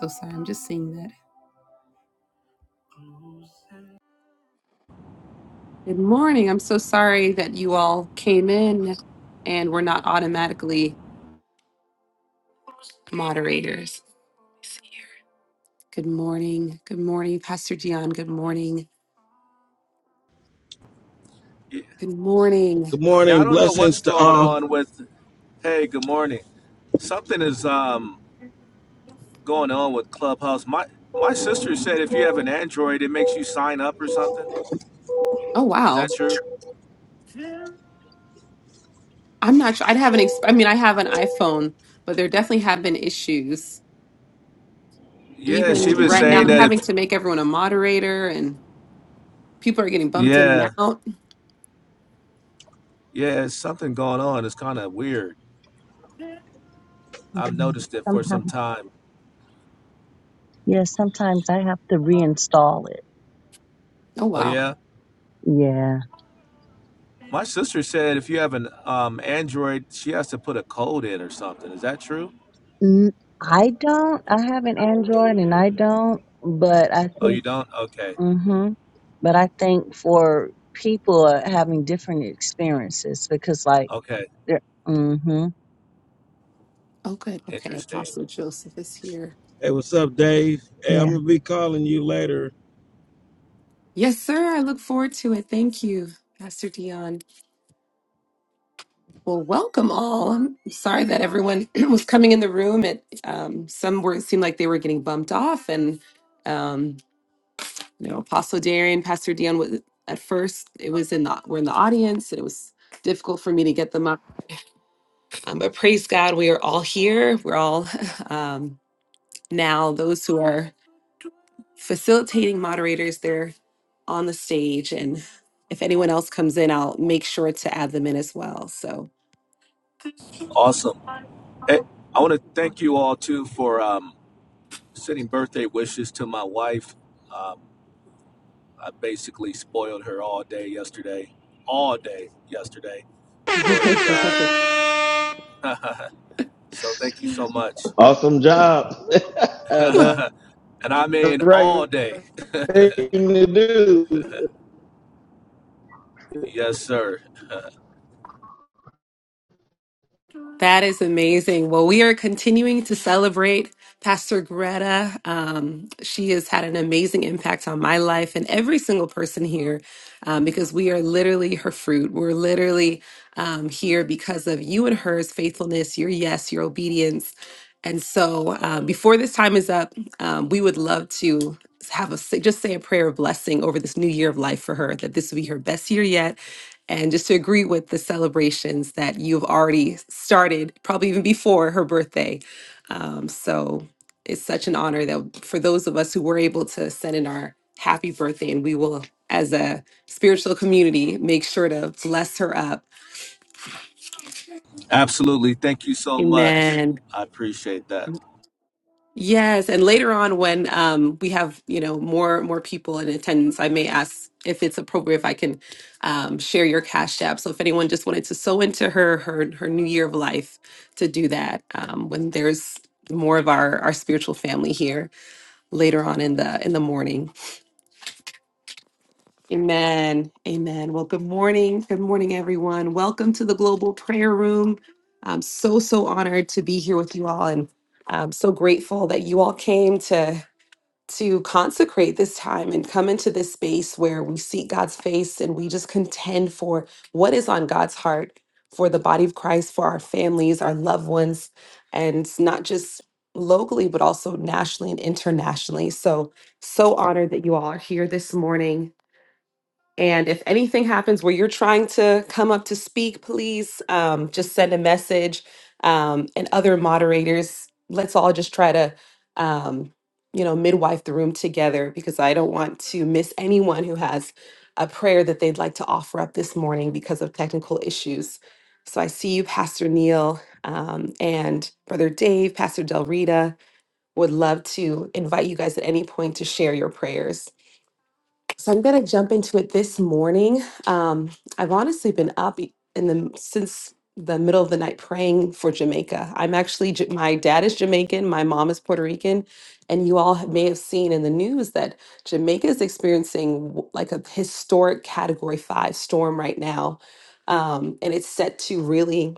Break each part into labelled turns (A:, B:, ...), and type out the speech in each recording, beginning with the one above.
A: So sorry, I'm just seeing that. Good morning. I'm so sorry that you all came in and were not automatically moderators. Good morning. Good morning, Pastor Gian. Good morning. Good morning.
B: Good
C: Yeah, I
B: morning.
C: don't know what's
B: Blessings to
C: going
B: all.
C: on with. Hey, good morning. Something is um going on with Clubhouse. My my sister said if you have an Android, it makes you sign up or something.
A: Oh
C: Is
A: wow.
C: that true?
A: I'm not sure. I have an. ex- I mean I have an iPhone, but there definitely have been issues.
C: Yeah, she
A: Even
C: was
A: right now
C: saying
A: I'm
C: that if.
A: having to make everyone a moderator and people are getting bumped in
C: Yeah,
A: and out.
C: yeah, it's something going on. It's kind of weird. I've
D: Mhm.
C: noticed it for some
D: Sometimes,
C: time.
D: yeah, sometimes I have to reinstall it.
A: Oh
C: Oh
A: wow.
C: yeah,
D: Yeah.
C: my sister said if you have an um Android, she has to put a code in or something. Is that true?
D: N- I don't, I have an Android and I don't, but I
C: Oh, you
D: think,
C: don't? Okay,
D: hmm but I think for people are having different experiences because like
C: okay,
D: they're, mm-hmm,
A: Oh good. Okay,
C: interesting.
A: Apostle Joseph is here.
B: Hey, what's up, Dave? Hey, I'm
D: yeah.
B: gonna be calling you later.
A: Yes, sir. I look forward to it. Thank you, Pastor Dion. Well, welcome all. I'm sorry that everyone was coming in the room. It um, some were seemed like they were getting bumped off, and um, you know, Apostle Darian, Pastor Dion was at first. It was in the we're in the audience, and it was difficult for me to get them up. Um, but praise God, we are all here. We're all um, now those who are facilitating moderators. on the stage. And if anyone else comes in, I'll make sure to add them in as well. So
C: Awesome. Hey, I want to thank you all too for um, sending birthday wishes to my wife. Um, I basically spoiled her all day yesterday, all day yesterday. Glory to God. so thank you so much.
B: Awesome job. That's the
C: and I mean all
B: right
C: day.
B: thing to do.
C: Yes, sir.
A: That is amazing. Well, we are continuing to celebrate Pastor Greta. Um, she has had an amazing impact on my life and every single person here um, because we are literally her fruit. We're literally um, here because of you and hers faithfulness, your yes, your obedience. And so, um, before this time is up, um, we would love to have a just say a prayer of blessing over this new year of life for her, that this will be her best year yet and just to agree with the celebrations that you've already started, probably even before her birthday. Um, so it's such an honor that for those of us who were able to send in our happy birthday, and we will, as a spiritual community, make sure to bless her up.
C: Absolutely. Thank you so much.
A: Amen.
C: I appreciate that.
A: Yes, and later on when um, we have you know more more people in attendance, I may ask if it's appropriate if I can um, share your cash app. So if anyone just wanted to sew into her her her new year of life to do that um, when there's more of our our spiritual family here later on in the in the morning. Amen. Amen. Well, good morning. Good morning, everyone. Welcome to the Global Prayer Room. I'm so so honored to be here with you all, and I'm so grateful that you all came to to consecrate this time and come into this space where we seek God's face and we just contend for what is on God's heart for the body of Christ, for our families, our loved ones, and not just locally, but also nationally and internationally. So, so honored that you all are here this morning. And if anything happens where you're trying to come up to speak, please um, just send a message. Um, and other moderators, let's all just try to, um, you know, midwife the room together because I don't want to miss anyone who has a prayer that they'd like to offer up this morning because of technical issues. So I see you, Pastor Neil um, and Brother Dave, Pastor Del Rita. Would love to invite you guys at any point to share your prayers. So I'm going to jump into it this morning. Um, I've honestly been up e- in the since the middle of the night praying for Jamaica. I'm actually Ja- my dad is Jamaican, my mom is Puerto Rican, and you all may have seen in the news that Jamaica is experiencing w- like a historic Category Five storm right now, um, and it's set to really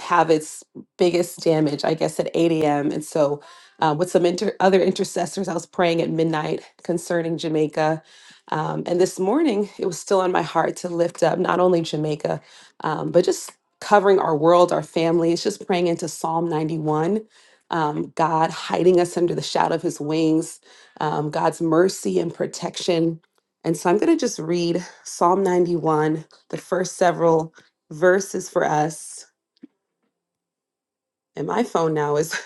A: have its biggest damage, I guess, at 8 a.m. And so, uh, with some inter- other intercessors, I was praying at midnight concerning Jamaica. Um, and this morning, it was still on my heart to lift up not only Jamaica, um, but just covering our world, our families, just praying into Psalm 91. Um, God hiding us under the shadow of his wings, um, God's mercy and protection. And so I'm going to just read Psalm 91, the first several verses for us and my phone now is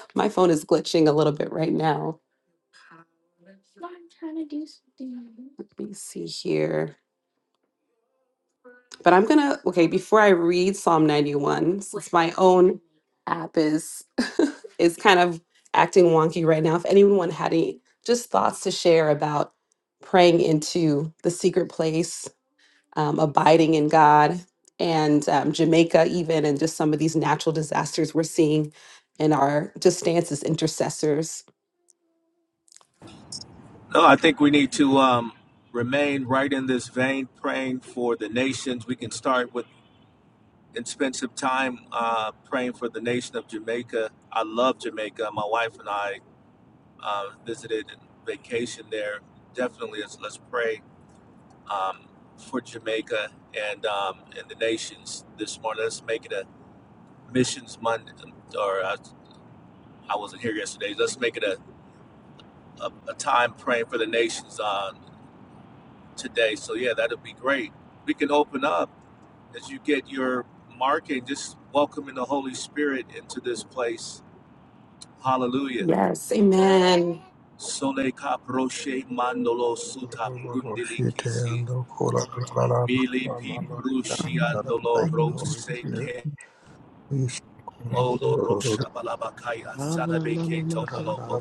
A: my phone is glitching a little bit right now. Let me see here. But I'm gonna okay, before I read Psalm 91, since my own app is is kind of acting wonky right now. If anyone had any just thoughts to share about praying into the secret place, um, abiding in God, and um, Jamaica, even, and just some of these natural disasters we're seeing in our just stance as intercessors
C: No, I think we need to um, remain right in this vein, praying for the nations. We can start with and spent some time uh, praying for the nation of Jamaica. I love Jamaica. My wife and I uh, visited and vacationed there. Definitely, let's, let's pray um, for Jamaica and um, and the nations this morning. Let's make it a missions Monday, or I, I wasn't here yesterday. Let's make it a, a, a time praying for the nations uh, today. So yeah, that'll be great. We can open up as you get your marking. Just welcoming the Holy Spirit into this place Hallelujah.
A: Yes, amen.
C: Sole caproche mandolo
E: Thank
C: suta
E: you, Holy Spirit.
C: brundilikisi. Bili pi prushi andolo rose ke olo rosha balabakaya sanabeke tondolobo.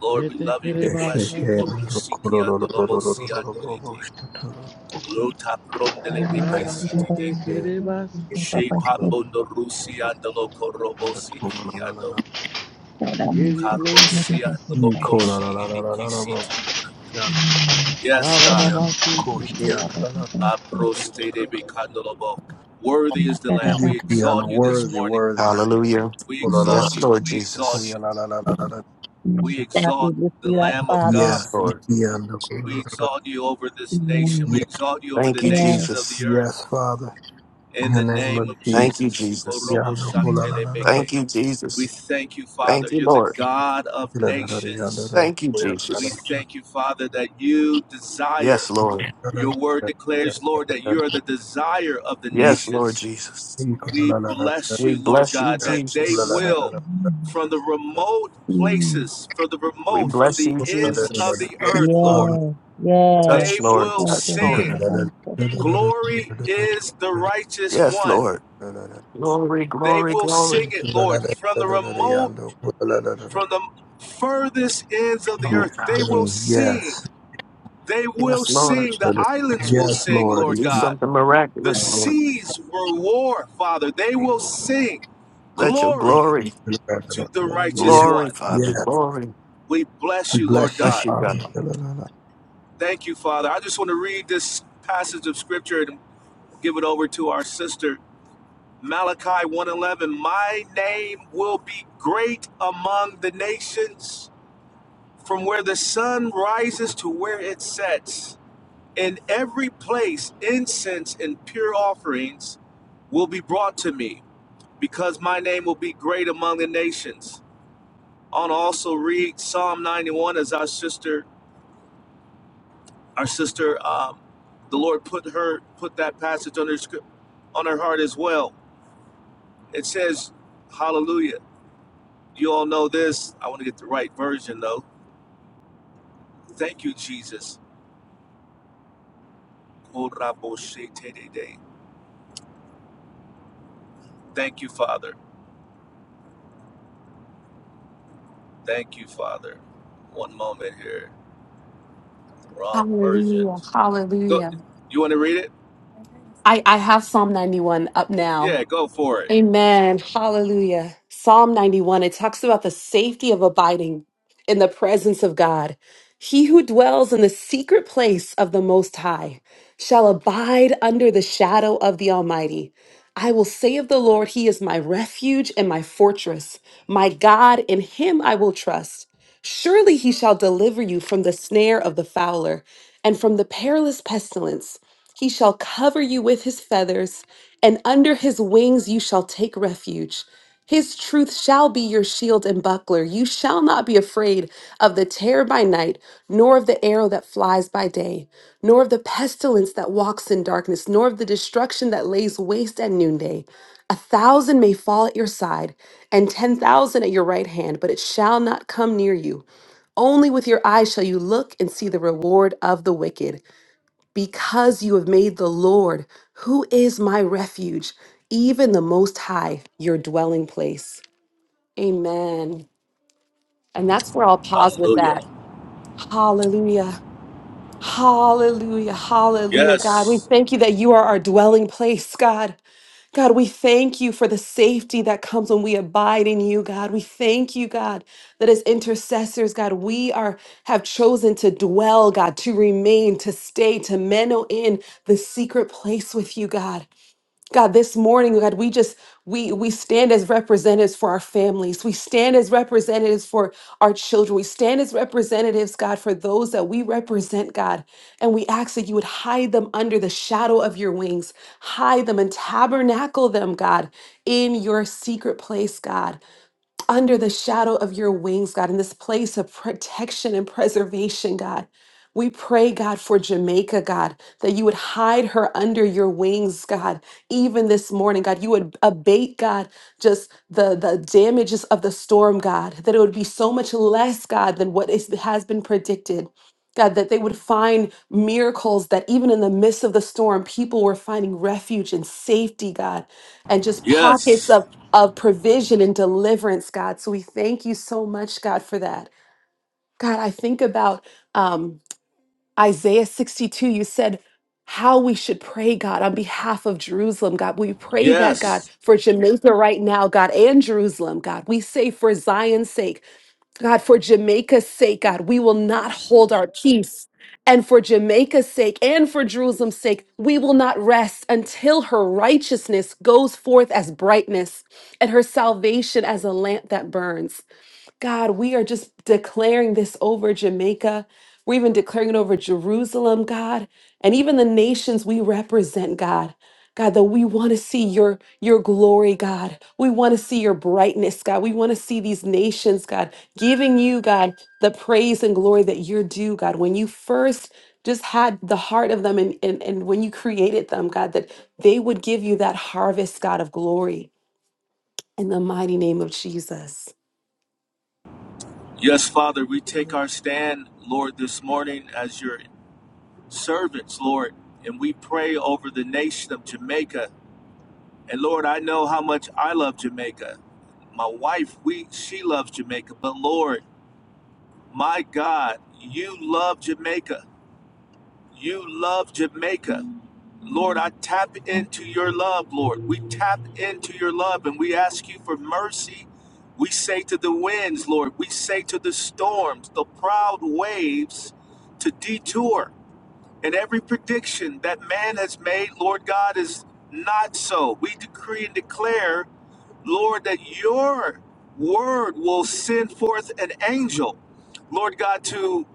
C: Lord, we love you. We bless you. Korusiki andolobo si andoliti. Luta brundelebeke sititi.
E: Yes,
C: She pambondo rusi andolo korobo sikiniado. Karosi andolo koshi idikisiti. Yes, God.
E: Worthy,
C: La prostede bicandolobo. Worthy is the Lamb. We exalt you this morning.
E: worthy.
F: Hallelujah.
C: We exalt
F: Yes,
C: you.
F: Lord
C: We exalt
F: Jesus.
C: you.
D: Mm.
C: We
D: God, we
C: exalt
D: lift
C: the
D: you up,
C: Lamb of
D: Father.
C: God.
F: Yes, Lord.
C: We
E: Yes,
C: exalt you over this nation.
D: Mm.
C: We exalt you over
F: Thank
C: the
F: you,
D: Yes.
C: nations of the
F: Jesus.
C: earth.
E: Yes, Father. In
C: In
E: the
C: the
E: name
C: name
E: of
C: of
E: Jesus.
F: Thank you,
C: Jesus.
F: Jesus.
C: Korobo
E: Yonder, oh, la,
D: Mm.
E: la,
C: shatele
E: la, la,
F: Thank you,
C: We
F: Jesus.
C: thank you,
E: la,
C: Father.
F: Thank you,
C: You're the
F: Lord.
C: God of
E: la, la, la, la, la, yonder,
C: nations.
E: oh,
F: Thank you,
E: la, la, la,
C: We
F: Jesus.
C: thank you, Father, that you desire.
F: Yes, Lord.
E: la, la, la, la,
C: Your
E: la,
C: word declares, Lord, that
E: la,
C: you
E: la.
C: are the desire of the
E: Yes,
F: Yes,
C: nations.
F: Lord Jesus.
E: you can,
C: We
E: la, la, la, la,
C: bless
F: We
C: you, Lord
F: bless you,
C: God,
E: la,
C: that they
E: la, la,
F: Jesus.
E: la,
D: God.
E: la,
C: will,
E: la.
D: Mm.
C: from the remote
D: Mm.
C: places, from the
F: We
C: remote,
E: Yes,
C: from
F: bless
C: the
F: you,
E: oh, la, la,
C: ends
E: la, la,
C: of
F: Jesus.
E: la.
C: the
E: Yes,
C: earth, Lord,
E: Father.
D: Yes.
F: Touch,
C: they
D: Yes.
F: Lord.
C: will
D: Thank
F: Touch,
D: you,
E: You can,
F: Lord.
C: sing.
D: Lord.
E: la, la, la, la, la,
D: Thank you.
E: la, la, la, la, la, la,
C: Glory is the righteous
F: Yes,
C: one.
F: Lord. Glory,
C: They
F: glory,
C: will sing
F: glory.
C: it, Lord, from the remote,
E: oh,
C: from the furthest ends of the
E: Yes,
C: earth.
F: Oh, God.
C: They will sing.
E: Yes.
C: They will
F: Yes, Lord.
C: sing. The islands will
E: Yes,
C: sing,
E: Lord.
C: Lord
F: Do
C: God.
F: something
C: The
F: miraculous, Lord.
C: seas will roar, Father. They will sing.
F: Let your
C: Glory
F: glory,
C: to the righteous
E: Yes.
F: glory,
C: one.
F: Father,
E: Yes.
F: glory.
C: We bless
E: We
C: you, Lord
E: bless you,
F: Bless
C: God.
F: you,
E: Father.
F: God.
C: Thank you, Father. I just want to read this passage of scripture and give it over to our sister Malachi one eleven. My name will be great among the nations, from where the sun rises to where it sets. In every place incense and pure offerings will be brought to me, because my name will be great among the nations. i On also read Psalm 91 as our sister Our sister, um, the Lord put her put that passage on her script on her heart as well. It says, "Hallelujah." You all know this. I want to get the right version though. Thank you, Jesus. Thank you, Father. Thank you, Father. One moment here. The wrong version.
A: Hallelujah.
C: Go.
A: Hallelujah.
C: You want to read it?
A: I, I have Psalm 91 up now.
C: Yeah, go for it.
A: Amen. Hallelujah. Psalm 91, it talks about the safety of abiding in the presence of God. He who dwells in the secret place of the Most High shall abide under the shadow of the Almighty. I will say of the Lord, He is my refuge and my fortress, my God, in Him I will trust. Surely He shall deliver you from the snare of the fowler and from the perilous pestilence. He shall cover you with his feathers, and under his wings you shall take refuge. His truth shall be your shield and buckler. You shall not be afraid of the terror by night, nor of the arrow that flies by day, nor of the pestilence that walks in darkness, nor of the destruction that lays waste at noonday. A thousand may fall at your side, and ten thousand at your right hand, but it shall not come near you. Only with your eyes shall you look and see the reward of the wicked. Because you have made the Lord, who is my refuge, even the Most High, your dwelling place. Amen. And that's where I'll pause with that.
C: Hallelujah.
A: Hallelujah. Hallelujah. Hallelujah. God, we
C: Yes.
A: thank you that you are our dwelling place, God. God, we thank you for the safety that comes when we abide in you, God. We thank you, God, that as intercessors, God, we are have chosen to dwell, God, to remain, to stay, to minnow in the secret place with you, God. God, this morning, God, we just we we stand as representatives for our families. We stand as representatives for our children. We stand as representatives, God, for those that we represent, God. And we ask that you would hide them under the shadow of your wings. Hide them and tabernacle them, God, in your secret place, God under the shadow of your wings, God, in this place of protection and preservation, God. We pray, God, for Jamaica, God, that you would hide her under your wings, God, even this morning, God. You would abate, God, just the, the damages of the storm, God, that it would be so much less, God, than what is, has been predicted. God, that they would find miracles that even in the midst of the storm, people were finding refuge and safety, God, and just pockets
C: Yes.
A: of of provision and deliverance, God. So we thank you so much, God, for that. God, I think about um, Isaiah 62. You said how we should pray, God, on behalf of Jerusalem, God. We pray that, God,
C: Yes.
A: for Jamaica right now, God, and Jerusalem, God. We say for Zion's sake. God, for Jamaica's sake, God, we will not hold our peace. And for Jamaica's sake and for Jerusalem's sake, we will not rest until her righteousness goes forth as brightness and her salvation as a lamp that burns. God, we are just declaring this over Jamaica. We're even declaring it over Jerusalem, God, and even the nations we represent, God. God, that we want to see your, your glory, God. We want to see your brightness, God. We want to see these nations, God, giving you, God, the praise and glory that you're due, God. When you first just had the heart of them and, and, and when you created them, God, that they would give you that harvest, God, of glory in the mighty name of Jesus.
C: Yes, Father, we take our stand, Lord, this morning as your servants, Lord, and we pray over the nation of Jamaica. And Lord, I know how much I love Jamaica. My wife, we she loves Jamaica, but Lord, my God, you love Jamaica. You love Jamaica. Lord, I tap into your love, Lord. We tap into your love and we ask you for mercy. We say to the winds, Lord, we say to the storms, the proud waves to detour. And every prediction that man has made, Lord God, is not so. We decree and declare, Lord, that your word will send forth an angel, Lord God, to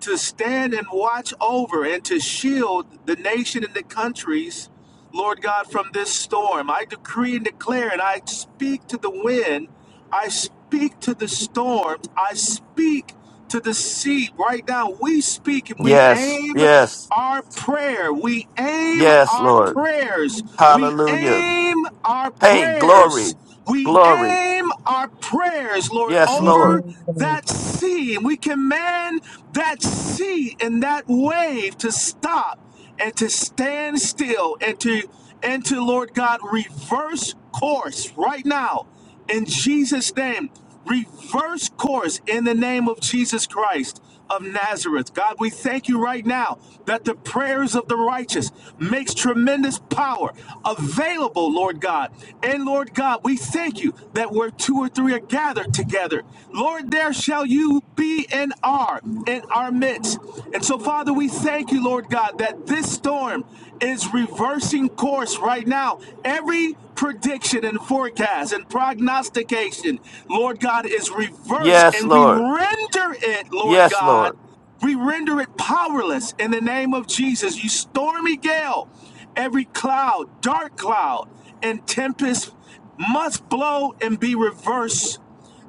C: to stand and watch over and to shield the nation and the countries, Lord God, from this storm. I decree and declare, and I speak to the wind, I speak to the storm, I speak to the sea. Right now, we speak and we
F: Yes,
C: aim
F: yes,
C: our prayer. We aim
F: yes,
C: our
F: Lord.
C: prayers. We
F: Hallelujah.
C: aim our
F: Hey,
C: prayers.
F: glory,
C: We
F: glory.
C: aim our prayers, Lord,
F: Yes,
D: Yes.
F: Lord.
C: over that sea. We command that sea and that wave to stop and to stand still and to and to Lord God reverse course right now in Jesus' name. Reverse course in the name of Jesus Christ of Nazareth. God, we thank you right now that the prayers of the righteous makes tremendous power available, Lord God. And Lord God, we thank you that where two or three are gathered together, Lord, there shall you be and are in our midst. And so, Father, we thank you, Lord God, that this storm is reversing course right now. Every prediction and forecast and prognostication, Lord God, is reversed
F: Yes,
C: and we
F: Lord.
C: render it, Lord
F: Yes,
C: God,
F: Lord.
C: we render it powerless in the name of Jesus. You stormy gale, every cloud, dark cloud, and tempest must blow and be reversed.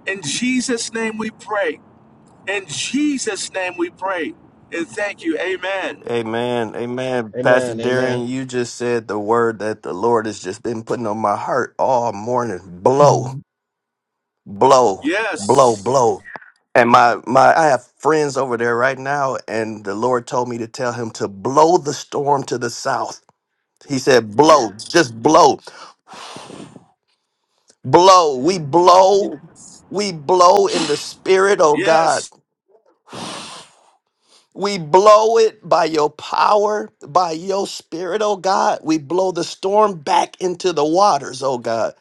C: In Jesus' name we pray. In Jesus' name we pray. And thank you. Amen.
F: Amen. Amen.
B: Amen.
F: Pastor Darian, you just said the word that the Lord has just been putting on my heart all morning. Blow,
D: Mm.
F: blow, blow,
C: Yes.
F: blow. And my my I have friends over there right now, and the Lord told me to tell him to blow the storm to the south. He said, blow, just blow. blow. We blow. We blow in the spirit, oh God.
C: Yes.
F: We blow it by your power, by your spirit, oh God. We blow the storm back into the waters, oh God.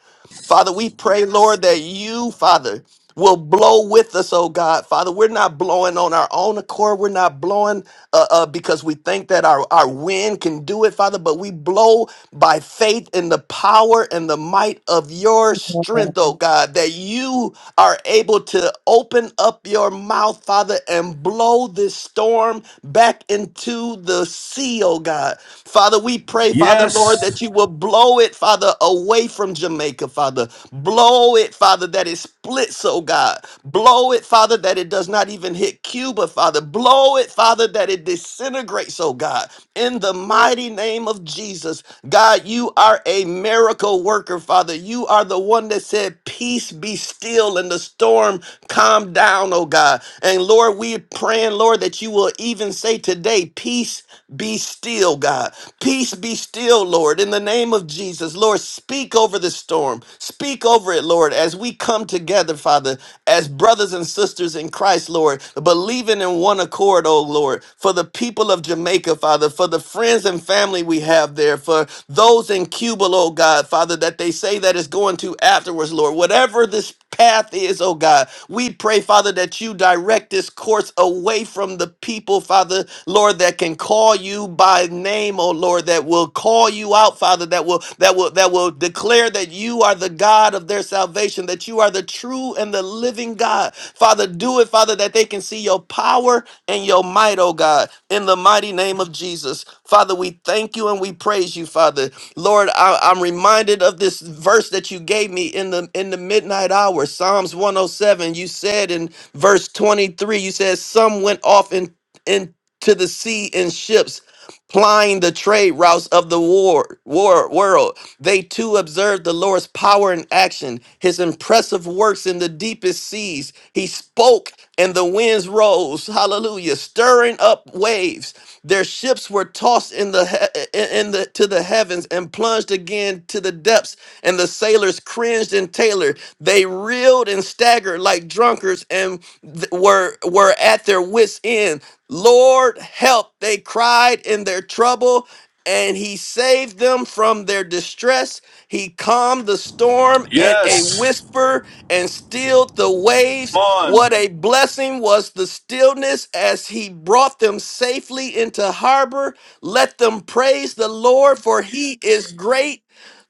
F: Father, we pray, Lord, that you, Father, will blow with us, oh God. Father, we're not blowing on our own accord. We're not blowing uh, uh, because we think that our, our wind can do it, Father, but we blow by faith in the power and the might of your strength,
D: Yes.
F: oh God, that you are able to open up your mouth, Father, and blow this storm back into the sea, oh God. Father, we pray, Father,
C: Yes.
F: Lord, that you will blow it, Father, away from Jamaica, Father. Blow it, Father, that it splits, oh God. Blow it, Father, that it does not even hit Cuba, Father. Blow it, Father, that it disintegrates, oh God in the mighty name of Jesus. God, you are a miracle worker, Father. You are the one that said, Peace be still, and the storm calm down, oh God. And Lord, we're praying, Lord, that you will even say today, Peace be still, God. Peace be still, Lord, in the name of Jesus. Lord, speak over the storm. Speak over it, Lord, as we come together, Father, as brothers brothers and sisters in Christ, Lord, believing in one accord, oh Lord, for the people of Jamaica, Father, for the friends and family we have there, for those in Cuba, oh God, Father, that they say that it's going to afterwards, Lord. Whatever this path is, oh God, we pray, Father, that you direct this course away from the people, Father, Lord, that can call you by name, oh Lord, that will call you out, Father, that will will that will that will declare that you are the God of their salvation, that you are the true and the living God. Father, do it, Father, that they can see your power and your might, oh God, in the mighty name of Jesus. Father, we thank you and we praise you, Father. Lord, I, I'm reminded of this verse that you gave me in the in the midnight hour, Psalms 107. You said in verse 23, you said some went off in into the sea in ships plying the trade routes of the war, war world. They too observed the Lord's power in action, his impressive works in the deepest seas. He spoke and the winds rose, hallelujah, stirring up waves. Their ships were tossed in the he- in the to the heavens and plunged again to the depths, and the sailors cringed and tailored. They reeled and staggered like drunkards believers and th- were were at their wits end. Lord, help! They cried in their trouble, and he saved them from their distress. He calmed the storm and a
C: Yes.
F: whisper and stilled the waves.
C: Come on.
F: What a blessing was the stillness as he brought them safely into harbor. Let them praise the Lord, for he is great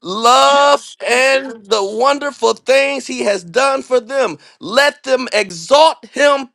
F: love and the wonderful things he has done for them. Let them exalt him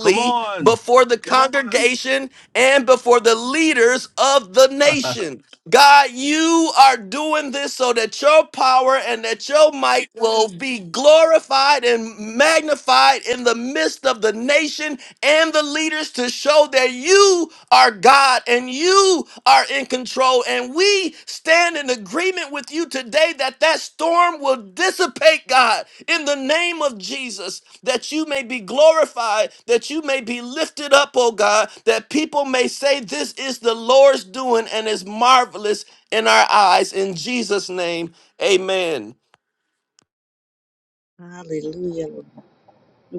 C: Come on.
F: before the congregation and before the leaders of the nation. God, you are doing this so that your power and that your might will be glorified and magnified in the midst of the nation and the leaders to show that you are God and you are in control. And we stand in agreement with you today that that storm will dissipate, God, in the name of Jesus, that you may be glorified, that you may be lifted up, oh God, that people may say, This is the Lord's doing and is marvelous in our eyes. In Jesus' name, amen.
D: Hallelujah. Lord.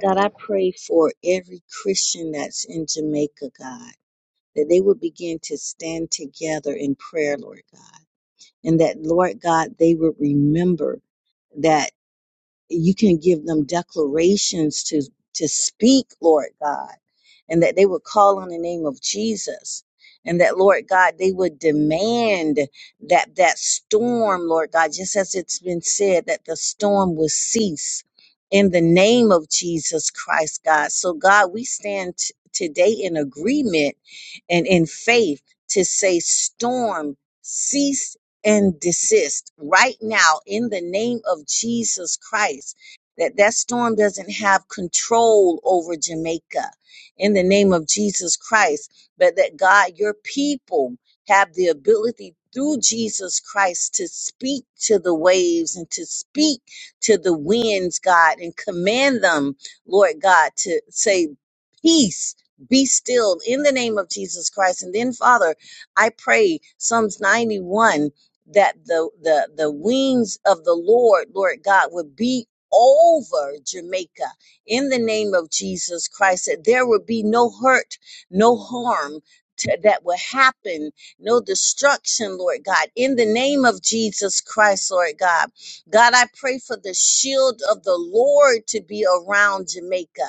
D: God, I pray for every Christian that's in Jamaica, God, that they would begin to stand together in prayer, Lord God, and that, Lord God, they would remember. that. you can give them declarations to to speak lord god and that they would call on the name of jesus and that lord god they would demand that that storm lord god just as it's been said that the storm will cease in the name of jesus christ god so god we stand t- today in agreement and in faith to say storm cease and desist right now in the name of Jesus Christ. That that storm doesn't have control over Jamaica in the name of Jesus Christ, but that God, your people have the ability through Jesus Christ to speak to the waves and to speak to the winds, God, and command them, Lord God, to say peace be still in the name of Jesus Christ. And then, Father, I pray Psalms 91 that the the the wings of the Lord, Lord God, would be over Jamaica in the name of Jesus Christ, that there would be no hurt, no harm. to- that will happen, no destruction, Lord God, in the name of Jesus Christ, Lord God. God, I pray for the shield of the Lord to be around Jamaica.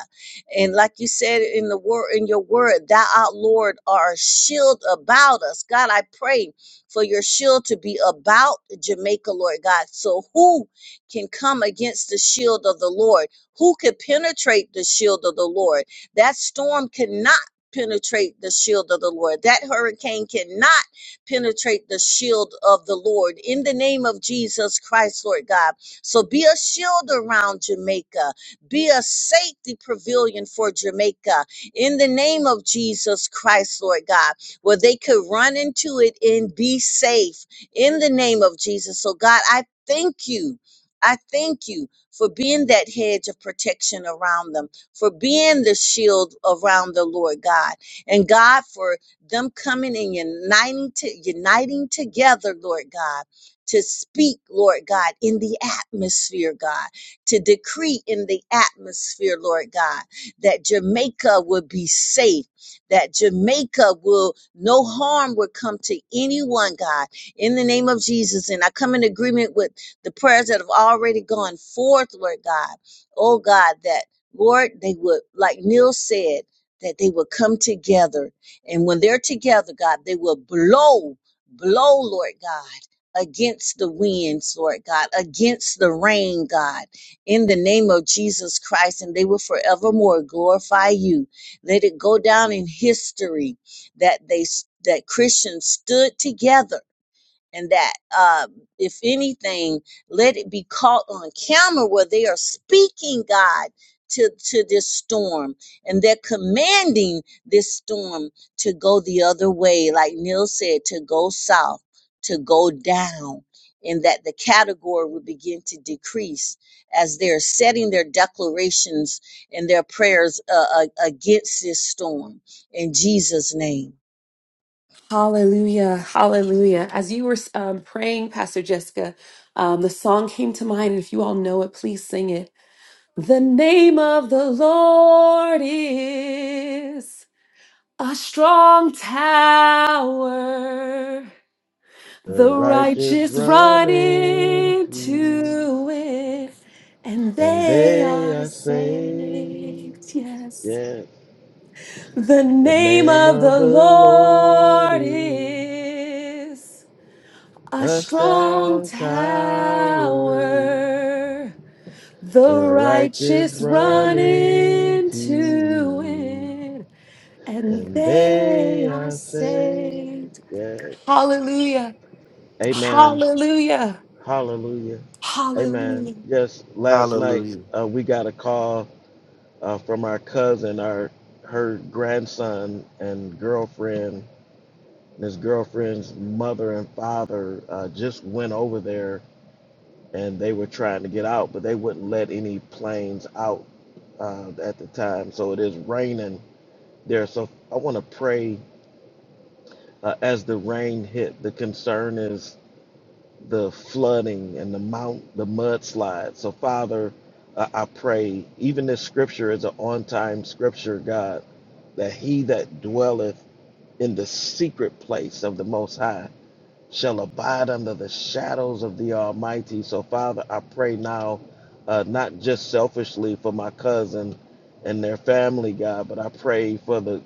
D: And like you said in the word in your word, thou art Lord are a shield about us. God, I pray for your shield to be about Jamaica, Lord God. So who can come against the shield of the Lord? Who could penetrate the shield of the Lord? That storm cannot penetrate the shield of the Lord. That hurricane cannot penetrate the shield of the Lord in the name of Jesus Christ, Lord God. So be a shield around Jamaica. Be a safety pavilion for Jamaica in the name of Jesus Christ, Lord God, where they could run into it and be safe in the name of Jesus. So, God, I thank you. I thank you for being that hedge of protection around them, for being the shield around the Lord God, and God for them coming and uniting to, uniting together, Lord God, to speak, Lord God, in the atmosphere, God to decree in the atmosphere, Lord God, that Jamaica would be safe, that Jamaica will, no harm would come to anyone, God, in the name of Jesus. And I come in agreement with the prayers that have already gone forth, Lord God. Oh God, that, Lord, they would, like Neil said, that they would come together. And when they're together, God, they will blow, blow, Lord God against the winds, Lord God, against the rain, God in the name of Jesus Christ, and they will forevermore glorify you. Let it go down in history that they that Christians stood together and that uh, if anything let it be caught on camera where they are speaking god to, to this storm and they're commanding this storm to go the other way like neil said to go south to go down and that the category will begin to decrease as they're setting their declarations and their prayers uh, uh, against this storm in jesus name
A: Hallelujah. Hallelujah. As you were um, praying, Pastor Jessica, um, the song came to mind. If you all know it, please sing it. The name of the Lord is a strong tower.
B: The
A: The
B: righteous
A: righteous
B: run
A: run
B: into,
A: into it and
B: and
A: they
B: they
A: are
B: are saved.
A: saved. Yes.
B: Yeah.
A: The
B: The
A: name
B: name
A: of
B: of
A: the
B: the Lord
A: Lord
B: is
A: is. A
B: a
A: strong
B: strong tower.
A: tower, the
B: The righteous
A: righteous
B: run
A: run
B: into,
A: into it, and
B: and they
A: they are
B: are saved.
A: saved.
B: Yes.
A: Hallelujah!
B: Amen.
A: Hallelujah!
B: Hallelujah. Amen.
A: Hallelujah!
B: Yes, last night
F: Hallelujah.
B: uh, we got a call uh, from our cousin, our her grandson and girlfriend. And his girlfriend's mother and father uh, just went over there and they were trying to get out, but they wouldn't let any planes out uh, at the time. So it is raining there. So I want to pray uh, as the rain hit. The concern is the flooding and the mount, the mudslide. So Father, uh, I pray. Even this scripture is an on-time scripture, God, that He that dwelleth in the secret place of the Most High shall abide under the shadows of the Almighty. So, Father, I pray now, uh, not just selfishly for my cousin and their family, God, but I pray for the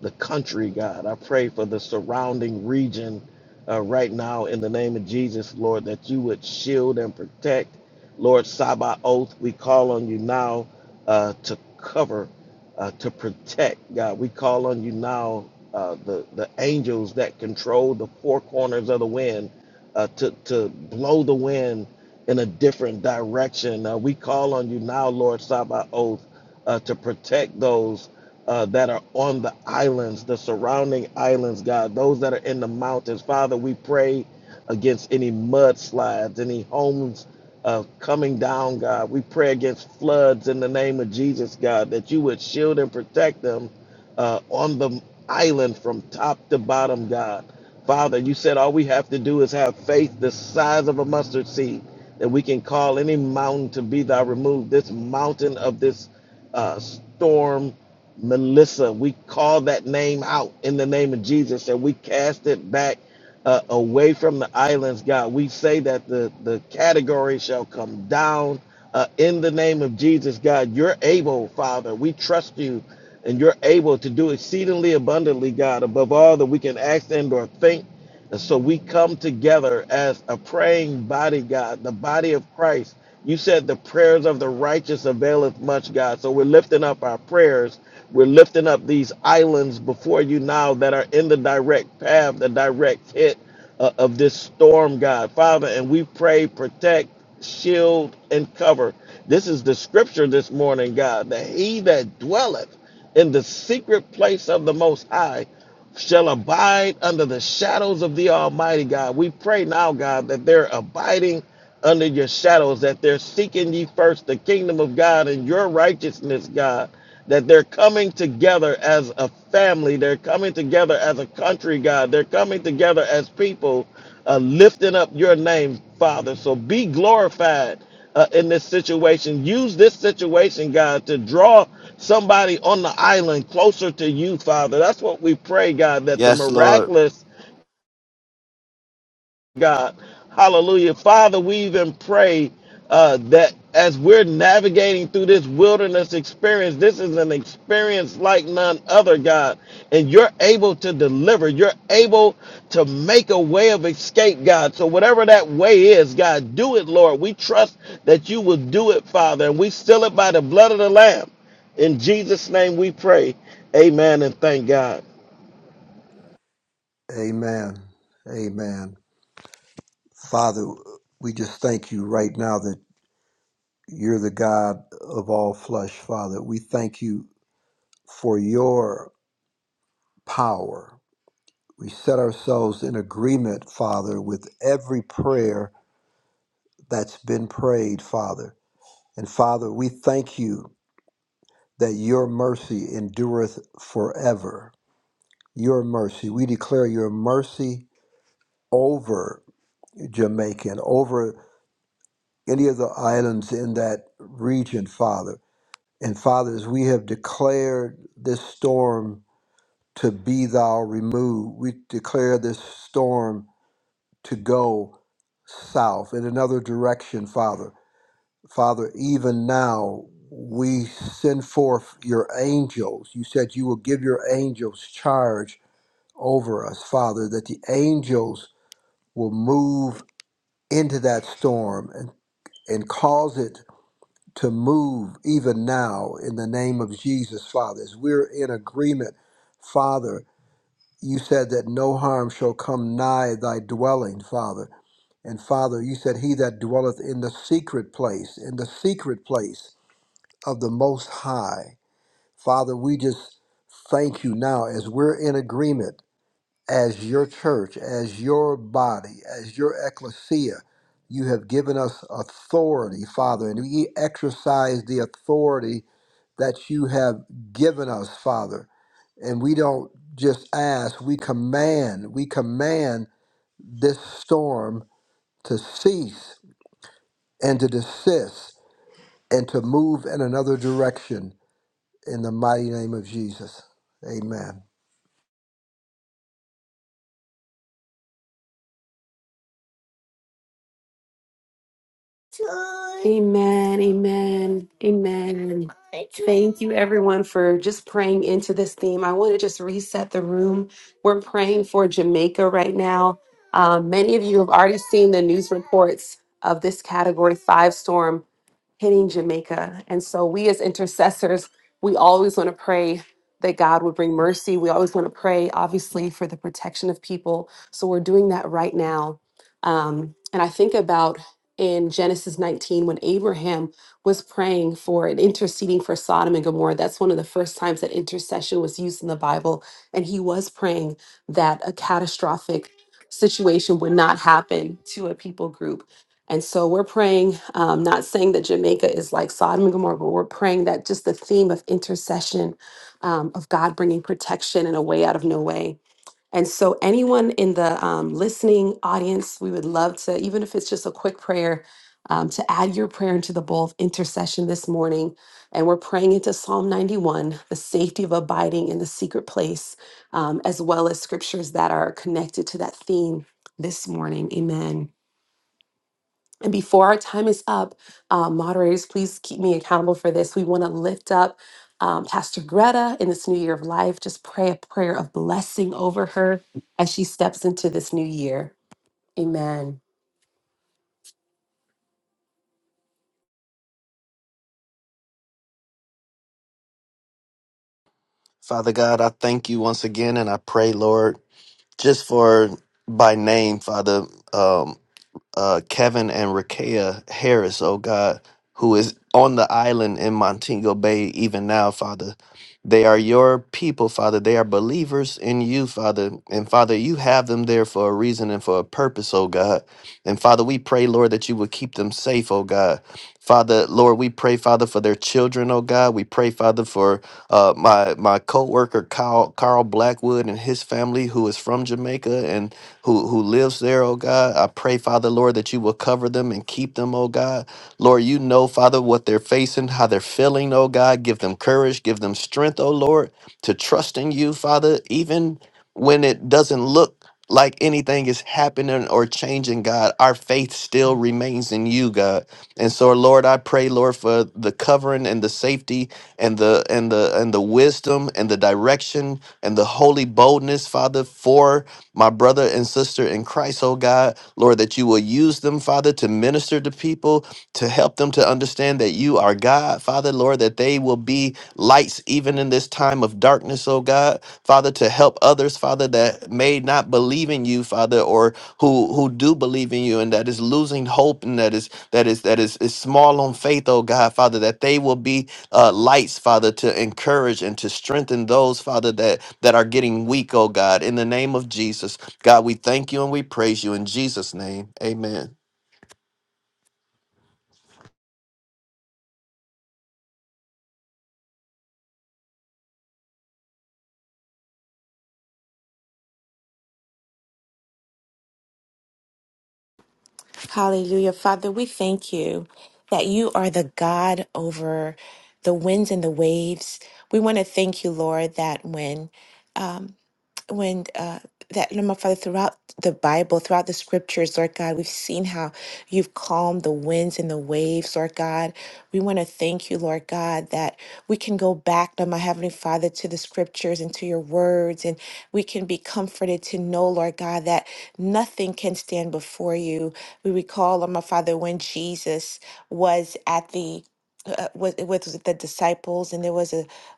B: the country, God. I pray for the surrounding region uh, right now in the name of Jesus, Lord, that you would shield and protect. Lord, Sabaoth, we call on you now uh, to cover, uh, to protect, God. We call on you now uh, the the angels that control the four corners of the wind uh, to to blow the wind in a different direction. Uh, we call on you now, Lord Sabaoth, uh, to protect those uh, that are on the islands, the surrounding islands, God. Those that are in the mountains, Father, we pray against any mudslides, any homes. Uh, coming down, God. We pray against floods in the name of Jesus, God, that you would shield and protect them uh, on the island from top to bottom, God. Father, you said all we have to do is have faith the size of a mustard seed that we can call any mountain to be thou removed. This mountain of this uh, storm, Melissa, we call that name out in the name of Jesus and we cast it back uh, away from the islands, God. We say that the, the category shall come down uh, in the name of Jesus, God. You're able, Father. We trust you and you're able to do exceedingly abundantly, God, above all that we can ask and or think. And so we come together as a praying body, God, the body of Christ. You said the prayers of the righteous availeth much, God. So we're lifting up our prayers. We're lifting up these islands before you now that are in the direct path, the direct hit uh, of this storm, God. Father, and we pray, protect, shield, and cover. This is the scripture this morning, God, that he that dwelleth in the secret place of the Most High shall abide under the shadows of the Almighty God. We pray now, God, that they're abiding under your shadows, that they're seeking ye first the kingdom of God and your righteousness, God, that they're coming together as a family, they're coming together as a country, God, they're coming together as people, uh, lifting up your name, Father. So be glorified uh, in this situation. Use this situation, God, to draw somebody on the island closer to you, Father. That's what we pray, God, that the
F: Yes, Lord.
B: miraculous God. Hallelujah. Father, we even pray uh, that as we're navigating through this wilderness experience, this is an experience like none other, God. And you're able to deliver, you're able to make a way of escape, God. So, whatever that way is, God, do it, Lord. We trust that you will do it, Father. And we seal it by the blood of the Lamb. In Jesus' name we pray. Amen and thank God.
E: Amen. Amen. Father, we just thank you right now that you're the God of all flesh, Father. We thank you for your power. We set ourselves in agreement, Father, with every prayer that's been prayed, Father. And Father, we thank you that your mercy endureth forever. Your mercy. We declare your mercy over Jamaica and over any of the islands in that region, Father. And Father, as we have declared this storm to be thou removed, we declare this storm to go south in another direction, Father. Father, even now we send forth your angels. You said you will give your angels charge over us, Father, that the angels will move into that storm and, and cause it to move even now in the name of Jesus, Father. As we're in agreement, Father, you said that no harm shall come nigh thy dwelling, Father. And Father, you said, He that dwelleth in the secret place, in the secret place of the Most High. Father, we just thank you now as we're in agreement as your church, as your body, as your ecclesia. You have given us authority, Father, and we exercise the authority that you have given us, Father. And we don't just ask, we command, we command this storm to cease and to desist and to move in another direction in the mighty name of Jesus. Amen.
A: Amen, amen, amen. Thank you, everyone, for just praying into this theme. I want to just reset the room. We're praying for Jamaica right now. Um, many of you have already seen the news reports of this category five storm hitting Jamaica. And so we as intercessors, we always want to pray that God would bring mercy. We always want to pray, obviously, for the protection of people. So we're doing that right now. Um, and I think about in Genesis 19 when Abraham was praying for and interceding for Sodom and Gomorrah. That's one of the first times that intercession was used in the Bible. And he was praying that a catastrophic situation would not happen to a people group and so we're praying, um, not saying that Jamaica is like Sodom and Gomorrah, but we're praying that just the theme of intercession, um, of God bringing protection and a way out of no way. And so, anyone in the um, listening audience, we would love to, even if it's just a quick prayer, um, to add your prayer into the bowl of intercession this morning. And we're praying into Psalm 91, the safety of abiding in the secret place, um, as well as scriptures that are connected to that theme this morning. Amen. And before our time is up, uh, moderators, please keep me accountable for this. We want to lift up um, Pastor Greta in this new year of life. Just pray a prayer of blessing over her as she steps into this new year. Amen.
F: Father God, I thank you once again and I pray, Lord, just for by name, Father. um, uh, Kevin and Rakea Harris, oh God, who is on the island in Montego Bay even now, Father. They are your people, Father. They are believers in you, Father. And Father, you have them there for a reason and for a purpose, oh God. And Father, we pray, Lord, that you would keep them safe, oh God. Father, Lord, we pray, Father, for their children, oh God. We pray, Father, for uh, my my co-worker Carl, Carl Blackwood and his family who is from Jamaica. and who who lives there, oh God. I pray, Father, Lord, that you will cover them and keep them, oh God. Lord, you know, Father, what they're facing, how they're feeling, oh God. Give them courage, give them strength, oh Lord, to trust in you, Father, even when it doesn't look like anything is happening or changing, God, our faith still remains in you, God. And so, Lord, I pray, Lord, for the covering and the safety and the and the and the wisdom and the direction and the holy boldness, Father, for my brother and sister in Christ, oh God, Lord, that you will use them, Father, to minister to people, to help them to understand that you are God, Father, Lord, that they will be lights even in this time of darkness, oh God, Father, to help others, Father, that may not believe in you, Father, or who who do believe in you and that is losing hope and that is that is that is, is small on faith, oh God, Father, that they will be uh, lights, Father, to encourage and to strengthen those, Father, that, that are getting weak, oh God. In the name of Jesus, God, we thank you and we praise you in Jesus' name. Amen.
G: Hallelujah. Father, we thank you that you are the God over the winds and the waves. We want to thank you, Lord, that when um, when uh, that Lord my Father throughout the Bible, throughout the scriptures, Lord God, we've seen how you've calmed the winds and the waves, Lord God. We want to thank you, Lord God, that we can go back, Lord my Heavenly Father, to the scriptures and to your words, and we can be comforted to know, Lord God, that nothing can stand before you. We recall, Lord my Father, when Jesus was at the uh, was with the disciples, and there was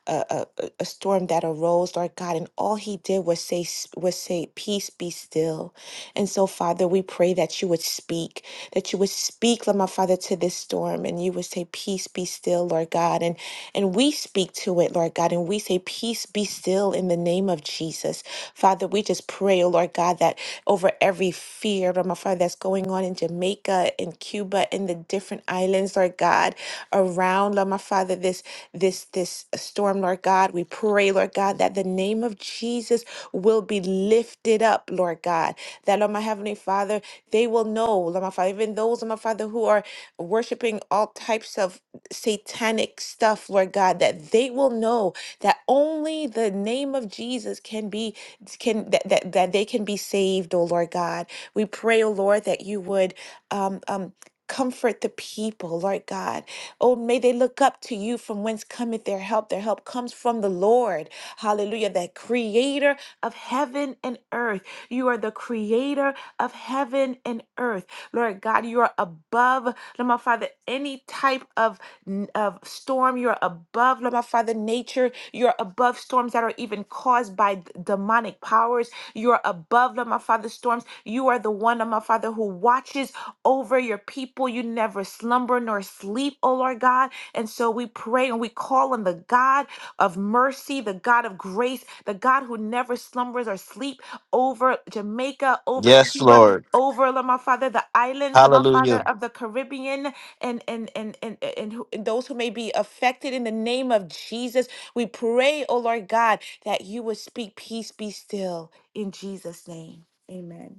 G: a, a storm that arose, Lord God, and all he did was say s- was say, "Peace be still." And so, Father, we pray that you would speak, that you would speak, Lord my Father, to this storm, and you would say, "Peace be still," Lord God, and and we speak to it, Lord God, and we say, "Peace be still," in the name of Jesus, Father we just pray, oh Lord God, that over every fear, Lord my Father, that's going on in Jamaica in Cuba in the different islands, Lord God, around, Lord my Father, this this this storm, Lord God. We pray, Lord God, that the name of Jesus will be lifted up, Lord God. That, Lord my Heavenly Father, they will know, Lord my Father, even those, Lord my Father, who are worshiping all types of satanic stuff, Lord God, that they will know that only the name of Jesus can be can that, that that they can be saved, oh Lord God. We pray, oh Lord, that you would um um comfort the people, Lord God. Oh, may they look up to you from whence cometh their help. Their help comes from the Lord. Hallelujah. The creator of heaven and earth. You are the creator of heaven and earth. Lord God, you are above, Lord my Father, any type of n- of storm. You're above, Lord my Father, nature. You're above storms that are even caused by d- demonic powers. You're above, Lord my Father, storms. You are the one, Lord my Father, who watches over your people. You never slumber nor sleep, oh Lord God. And so we pray and we call on the God of mercy, the God of grace, the God who never slumbers or sleep over Jamaica, over
F: Yes,
G: Cuba,
F: Lord.
G: over, Lord my Father, the islands, Lord my Father,
F: Hallelujah.
G: of the Caribbean and and and and, and, who, and those who may be affected in the name of Jesus. We pray, oh Lord God, that you would speak peace be still in Jesus' name. Amen.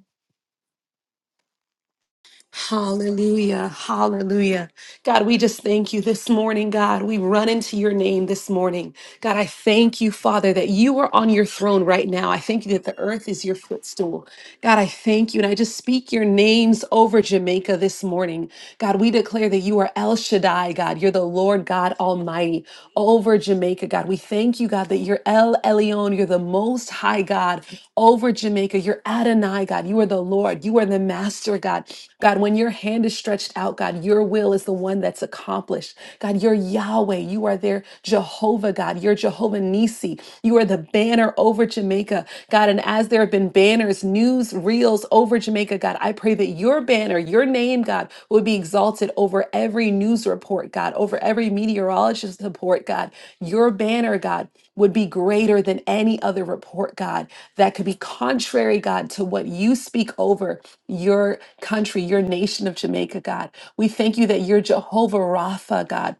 A: Hallelujah. Hallelujah. God, we just thank you this morning, God. We run into your name this morning. God, I thank you, Father, that you are on your throne right now. I thank you that the earth is your footstool. God, I thank you. And I just speak your names over Jamaica this morning. God, we declare that you are El Shaddai, God. You're the Lord God Almighty over Jamaica, God. We thank you, God, that you're El Elyon. You're the most high God over Jamaica. You're Adonai, God. You are the Lord. You are the master, God. God, when your hand is stretched out, God, your will is the one that's accomplished. God, you're Yahweh. You are their Jehovah, God. You're Jehovah Nisi. You are the banner over Jamaica, God. And as there have been banners, news reels over Jamaica, God, I pray that your banner, your name, God, would be exalted over every news report, God, over every meteorologist report, God. Your banner, God, would be greater than any other report, God, that could be contrary, God, to what you speak over your country, your nation of Jamaica, God. We thank you that you're Jehovah Rapha, God.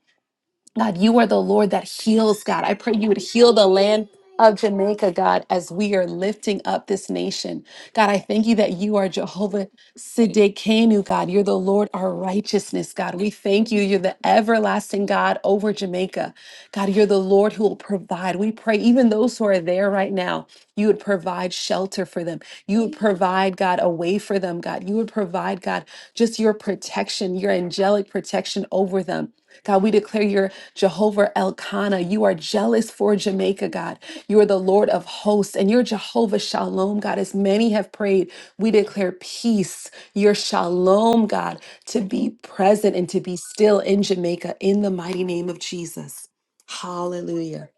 A: God, you are the Lord that heals, God. I pray you would heal the land of Jamaica, God, as we are lifting up this nation. God, I thank you that you are Jehovah Siddiqenu, God. You're the Lord, our righteousness, God. We thank you. You're the everlasting God over Jamaica. God, you're the Lord who will provide. We pray, even those who are there right now, you would provide shelter for them. You would provide, God, a way for them, God. You would provide, God, just your protection, your angelic protection over them. God, we declare your Jehovah Elkanah, you are jealous for Jamaica, God. You are the Lord of hosts, and you're Jehovah Shalom, God. As many have prayed, we declare peace, your Shalom, God, to be present and to be still in Jamaica in the mighty name of Jesus. Hallelujah.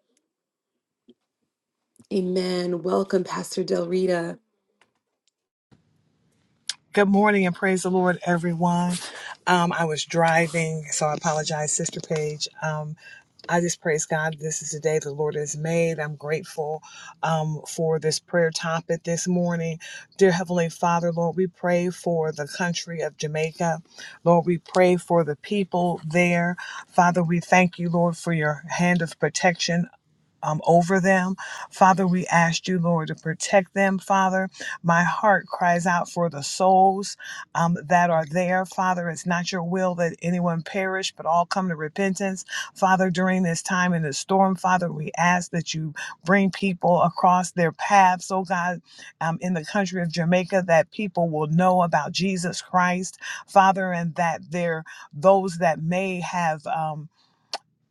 A: Amen. Welcome, Pastor Del Rita.
H: Good morning and praise the Lord, everyone. Um, I was driving, so I apologize, Sister Paige. Um, I just praise God. This is the day the Lord has made. I'm grateful um, for this prayer topic this morning. Dear Heavenly Father, Lord, we pray for the country of Jamaica. Lord, we pray for the people there. Father, we thank you, Lord, for your hand of protection um, over them. Father, we ask you, Lord, to protect them, Father. My heart cries out for the souls um, that are there, Father. It's not your will that anyone perish, but all come to repentance. Father, during this time in the storm, Father, we ask that you bring people across their paths, oh God, um, in the country of Jamaica, that people will know about Jesus Christ, Father, and that there those that may have. Um,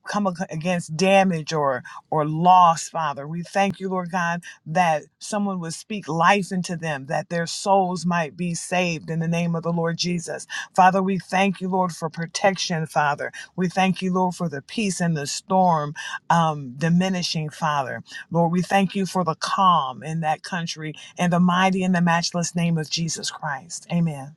H: come ag- against damage or or loss father we thank you lord god that someone would speak life into them that their souls might be saved in the name of the lord jesus father we thank you lord for protection father we thank you lord for the peace in the storm um, diminishing father lord we thank you for the calm in that country in the mighty and the matchless name of jesus christ amen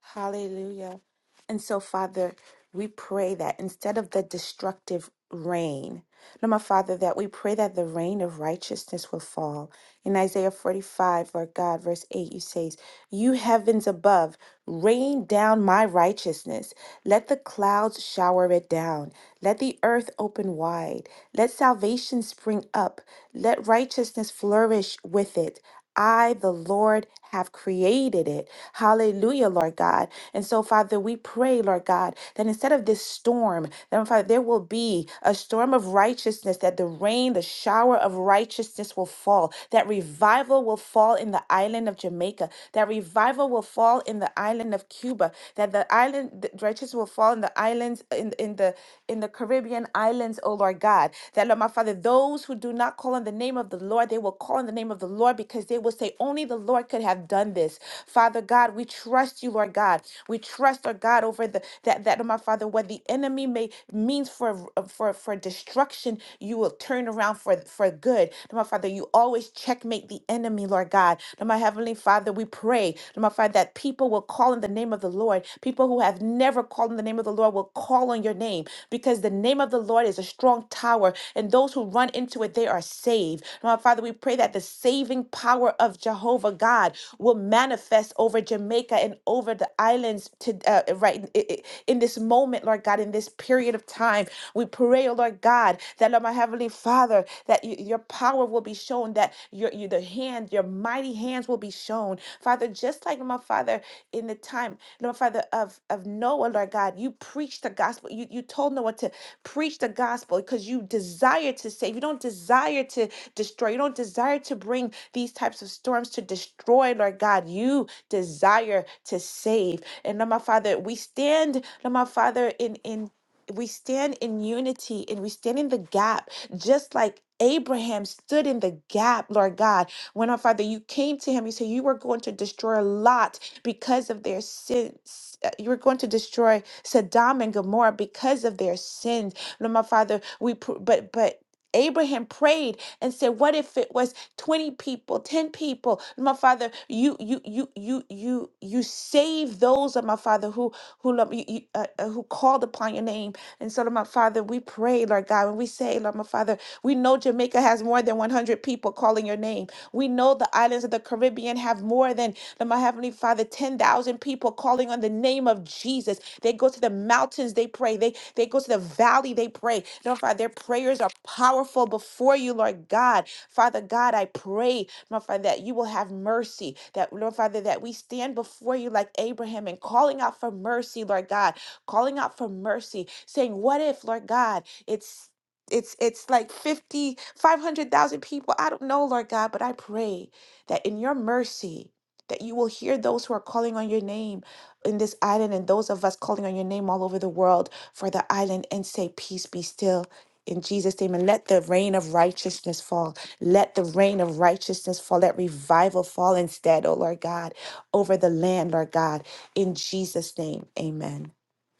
G: Hallelujah. And so, Father, we pray that instead of the destructive rain, Lord, my Father, that we pray that the rain of righteousness will fall. In Isaiah 45, Lord God, verse 8, you says, You heavens above, rain down my righteousness. Let the clouds shower it down. Let the earth open wide. Let salvation spring up. Let righteousness flourish with it. I, the Lord, have created it. Hallelujah, Lord God. And so, Father, we pray, Lord God, that instead of this storm, that oh, Father, there will be a storm of righteousness, that the rain, the shower of righteousness will fall, that revival will fall in the island of Jamaica, that revival will fall in the island of Cuba, that the island that righteousness will fall in the islands in, in the in the Caribbean islands, oh Lord God, that Lord, my Father. Father, those who do not call on the name of the Lord, they will call on the name of the Lord because they will say, Only the Lord could have done this. Father God, we trust you, Lord God. We trust, Lord God, over the that that my Father, what the enemy may means for uh, for for destruction, you will turn around for for good. Lord my Father, you always checkmate the enemy, Lord God. Lord my Heavenly Father, we pray, Lord my Father, that people will call in the name of the Lord. People who have never called in the name of the Lord will call call on your name because the name of the Lord is a strong tower, and those who run into it, they are saved. Now, Father, we pray that the saving power of Jehovah God will manifest over Jamaica and over the islands to uh, right in, i- i- in this moment, Lord God, in this period of time. We pray, oh Lord God, that Lord, my heavenly Father, that y- your power will be shown, that your, your the hand, your mighty hands will be shown, Father, just like my Father in the time. Lord Father, of, of Noah, Lord God, you preached the gospel. You, you told Noah to preach the gospel because you desire to save. You don't desire to destroy. You don't desire to bring these types of storms to destroy, Lord God. You desire to save. And Lord my Father, we stand, Lord my Father, in in we stand in unity and we stand in the gap, just like Abraham stood in the gap, Lord God. When our Father, you came to him, you said you were going to destroy Lot because of their sins. Uh, You are going to destroy Sodom and Gomorrah because of their sins. Lord, my Father, we pr- but but. Abraham prayed and said, "What if it was twenty people, ten people? Lord, My father, you you you you you you save those of my father who who love you, you uh, uh, who called upon your name." And so, Lord, my father, we pray, Lord God, when we say, Lord, my father, we know Jamaica has more than one hundred people calling your name. We know the islands of the Caribbean have more than Lord, my Heavenly Father, 10,000 people calling on the name of Jesus. They go to the mountains, they pray. They, they go to the valley, they pray. Lord, Father, their prayers are powerful before you, Lord God. Father God, I pray, Lord, Father, that you will have mercy. That, Lord, Father, that we stand before you like Abraham and calling out for mercy, Lord God, calling out for mercy, saying, What if, Lord God, it's it's it's like 50, 500,000 people. I don't know, Lord God, but I pray that in your mercy that you will hear those who are calling on your name in this island and those of us calling on your name all over the world for the island and say, Peace be still. In Jesus' name, and let the rain of righteousness fall. Let the rain of righteousness fall. Let revival fall instead, oh Lord God, over the land, Lord God. In Jesus' name, amen.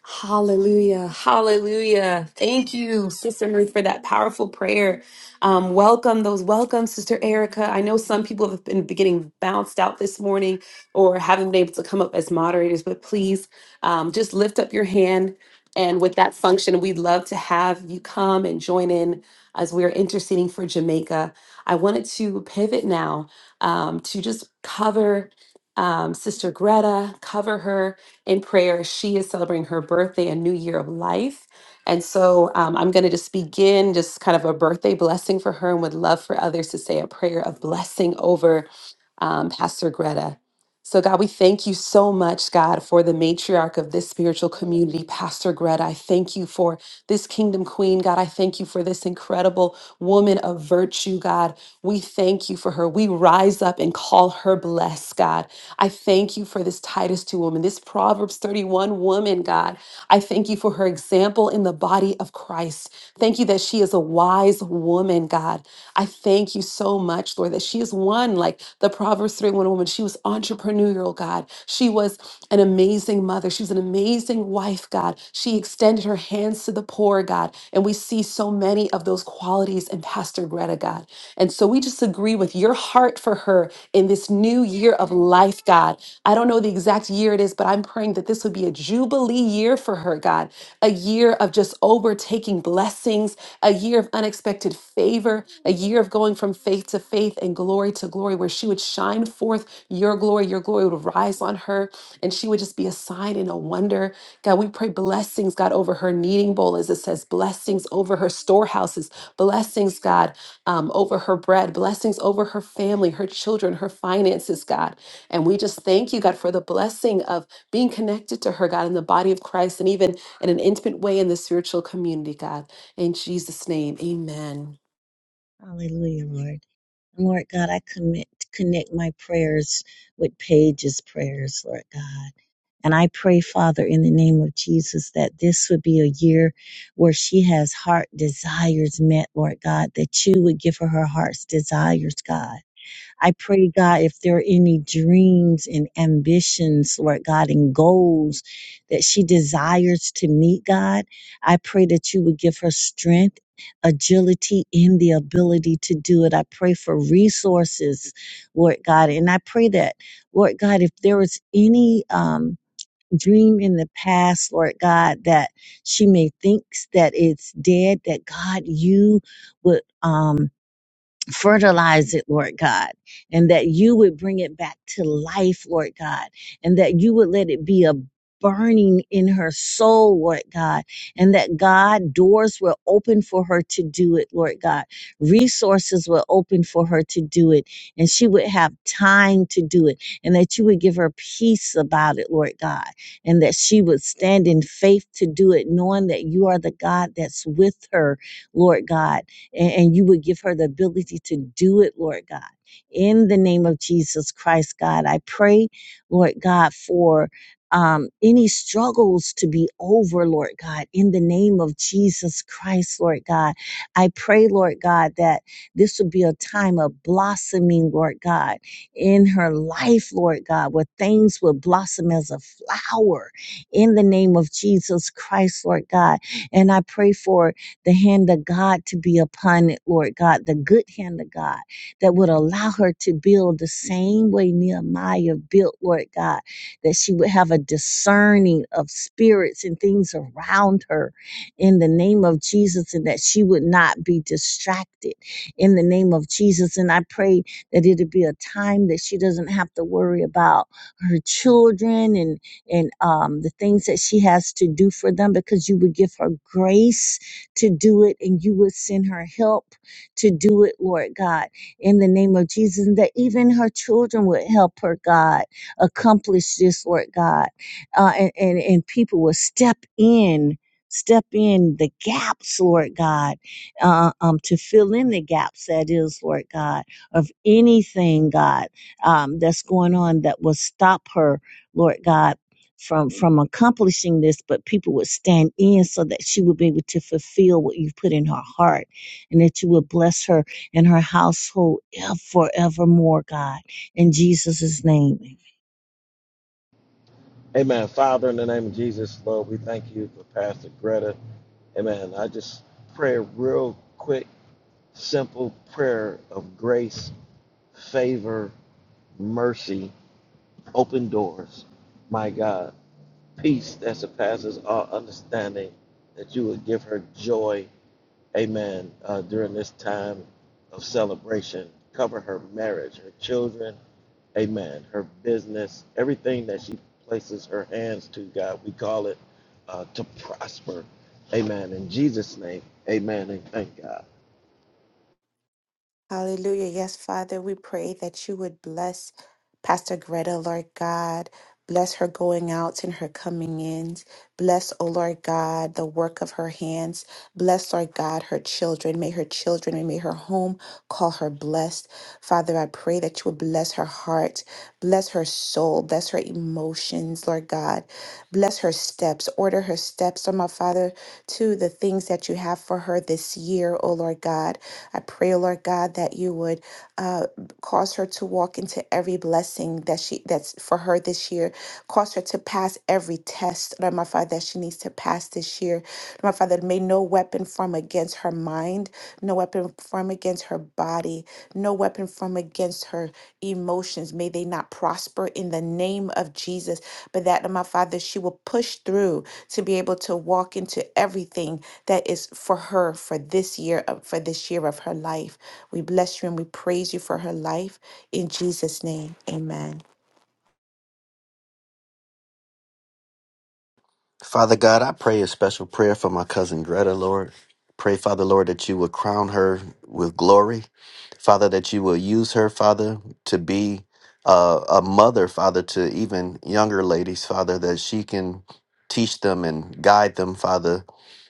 A: Hallelujah. Hallelujah. Thank you, Sister Ruth, for that powerful prayer. Um, welcome those. Welcome, Sister Erica. I know some people have been getting bounced out this morning or haven't been able to come up as moderators, but please um, just lift up your hand. And with that function, we'd love to have you come and join in as we're interceding for Jamaica. I wanted to pivot now um, to just cover um, Sister Greta, cover her in prayer. She is celebrating her birthday, a new year of life. And so um, I'm going to just begin just kind of a birthday blessing for her and would love for others to say a prayer of blessing over um, Pastor Greta. So, God, we thank you so much, God, for the matriarch of this spiritual community, Pastor Greta. I thank you for this kingdom queen, God. I thank you for this incredible woman of virtue, God. We thank you for her. We rise up and call her blessed, God. I thank you for this Titus 2 woman, this Proverbs 31 woman, God. I thank you for her example in the body of Christ. Thank you that she is a wise woman, God. I thank you so much, Lord, that she is one like the Proverbs 31 woman. She was entrepreneurial, God. She was an amazing mother. She was an amazing wife, God. She extended her hands to the poor, God. And we see so many of those qualities in Pastor Greta, God. And so we just agree with your heart for her in this new year of life, God. I don't know the exact year it is, but I'm praying that this would be a jubilee year for her, God, a year of just overtaking blessings, a year of unexpected favor, a year of going from faith to faith and glory to glory, where she would shine forth your glory. Your glory would rise on her, and she would just be a sign and a wonder. God, we pray blessings, God, over her kneading bowl, as it says, blessings over her storehouses, blessings, God um, over her bread, blessings over her family, her children, her finances, God. And we just thank you, God, for the blessing of being connected to her, God, in the body of Christ and even in an intimate way in the spiritual community, God. In Jesus' name, amen.
D: Hallelujah, Lord. And Lord God, I commit, connect my prayers with Paige's prayers, Lord God. And I pray, Father, in the name of Jesus, that this would be a year where she has heart desires met, Lord God, that you would give her her heart's desires, God. I pray, God, if there are any dreams and ambitions, Lord God, and goals that she desires to meet, God, I pray that you would give her strength, agility, and the ability to do it. I pray for resources, Lord God. And I pray that, Lord God, if there is any, um, Dream in the past, Lord God, that she may thinks that it's dead, that God, you would um fertilize it, Lord God, and that you would bring it back to life, Lord God, and that you would let it be a burning in her soul, Lord God, and that God, doors were open for her to do it, Lord God. Resources were open for her to do it, and she would have time to do it, and that you would give her peace about it, Lord God, and that she would stand in faith to do it, knowing that you are the God that's with her, Lord God and, and you would give her the ability to do it, Lord God. In the name of Jesus Christ, God, I pray, Lord God, for um, any struggles to be over, Lord God, in the name of Jesus Christ, Lord God. I pray, Lord God, that this would be a time of blossoming, Lord God, in her life, Lord God, where things would blossom as a flower in the name of Jesus Christ, Lord God. And I pray for the hand of God to be upon it, Lord God, the good hand of God that would allow her to build the same way Nehemiah built, Lord God, that she would have a discerning of spirits and things around her in the name of Jesus and that she would not be distracted in the name of Jesus. And I pray that it'd be a time that she doesn't have to worry about her children and and um, the things that she has to do for them because you would give her grace to do it and you would send her help to do it, Lord God, in the name of Jesus, and that even her children would help her, God, accomplish this, Lord God. Uh, and, and, and people will step in. Step in the gaps, Lord God, uh, um, to fill in the gaps, that is, Lord God, of anything, God, um, that's going on that will stop her, Lord God from from accomplishing this but people would stand in so that she would be able to fulfill what you put in her heart and that you would bless her and her household ev- forevermore god in jesus' name
B: Amen. Father, in the name of Jesus, Lord, we thank you for Pastor Greta. Amen. I just pray a real quick, simple prayer of grace, favor, mercy, open doors. My God, peace that surpasses all understanding, that you would give her joy amen, uh, during this time of celebration. Cover her marriage, her children, amen, her business, everything that she places her hands to, God, we call it uh, to prosper. Amen. In Jesus' name, amen, and thank God.
G: Hallelujah. Yes, Father, we pray that you would bless Pastor Greta, Lord God. Bless her going out and her coming in. Bless, O Lord God, the work of her hands. Bless, Lord God, her children. May her children and may her home call her blessed. Father, I pray that you would bless her heart, bless her soul, bless her emotions, Lord God. Bless her steps. Order her steps, oh my Father, to the things that you have for her this year, O Lord God. I pray, O Lord God. Lord God, that you would uh, cause her to walk into every blessing that she that's for her this year. Cause her to pass every test, Lord my Father, that she needs to pass this year. Lord my Father, may no weapon form against her mind, no weapon form against her body, no weapon form against her emotions. May they not prosper in the name of Jesus. But that, Lord my Father, she will push through to be able to walk into everything that is for her for this year of for this year of her life. We bless you and we praise you for her life. In Jesus' name, amen.
F: Father God, I pray a special prayer for my cousin Greta, Lord. Pray, Father, Lord, that you would crown her with glory. Father, that you will use her, Father, to be uh, a mother, Father, to even younger ladies, Father, that she can teach them and guide them, Father,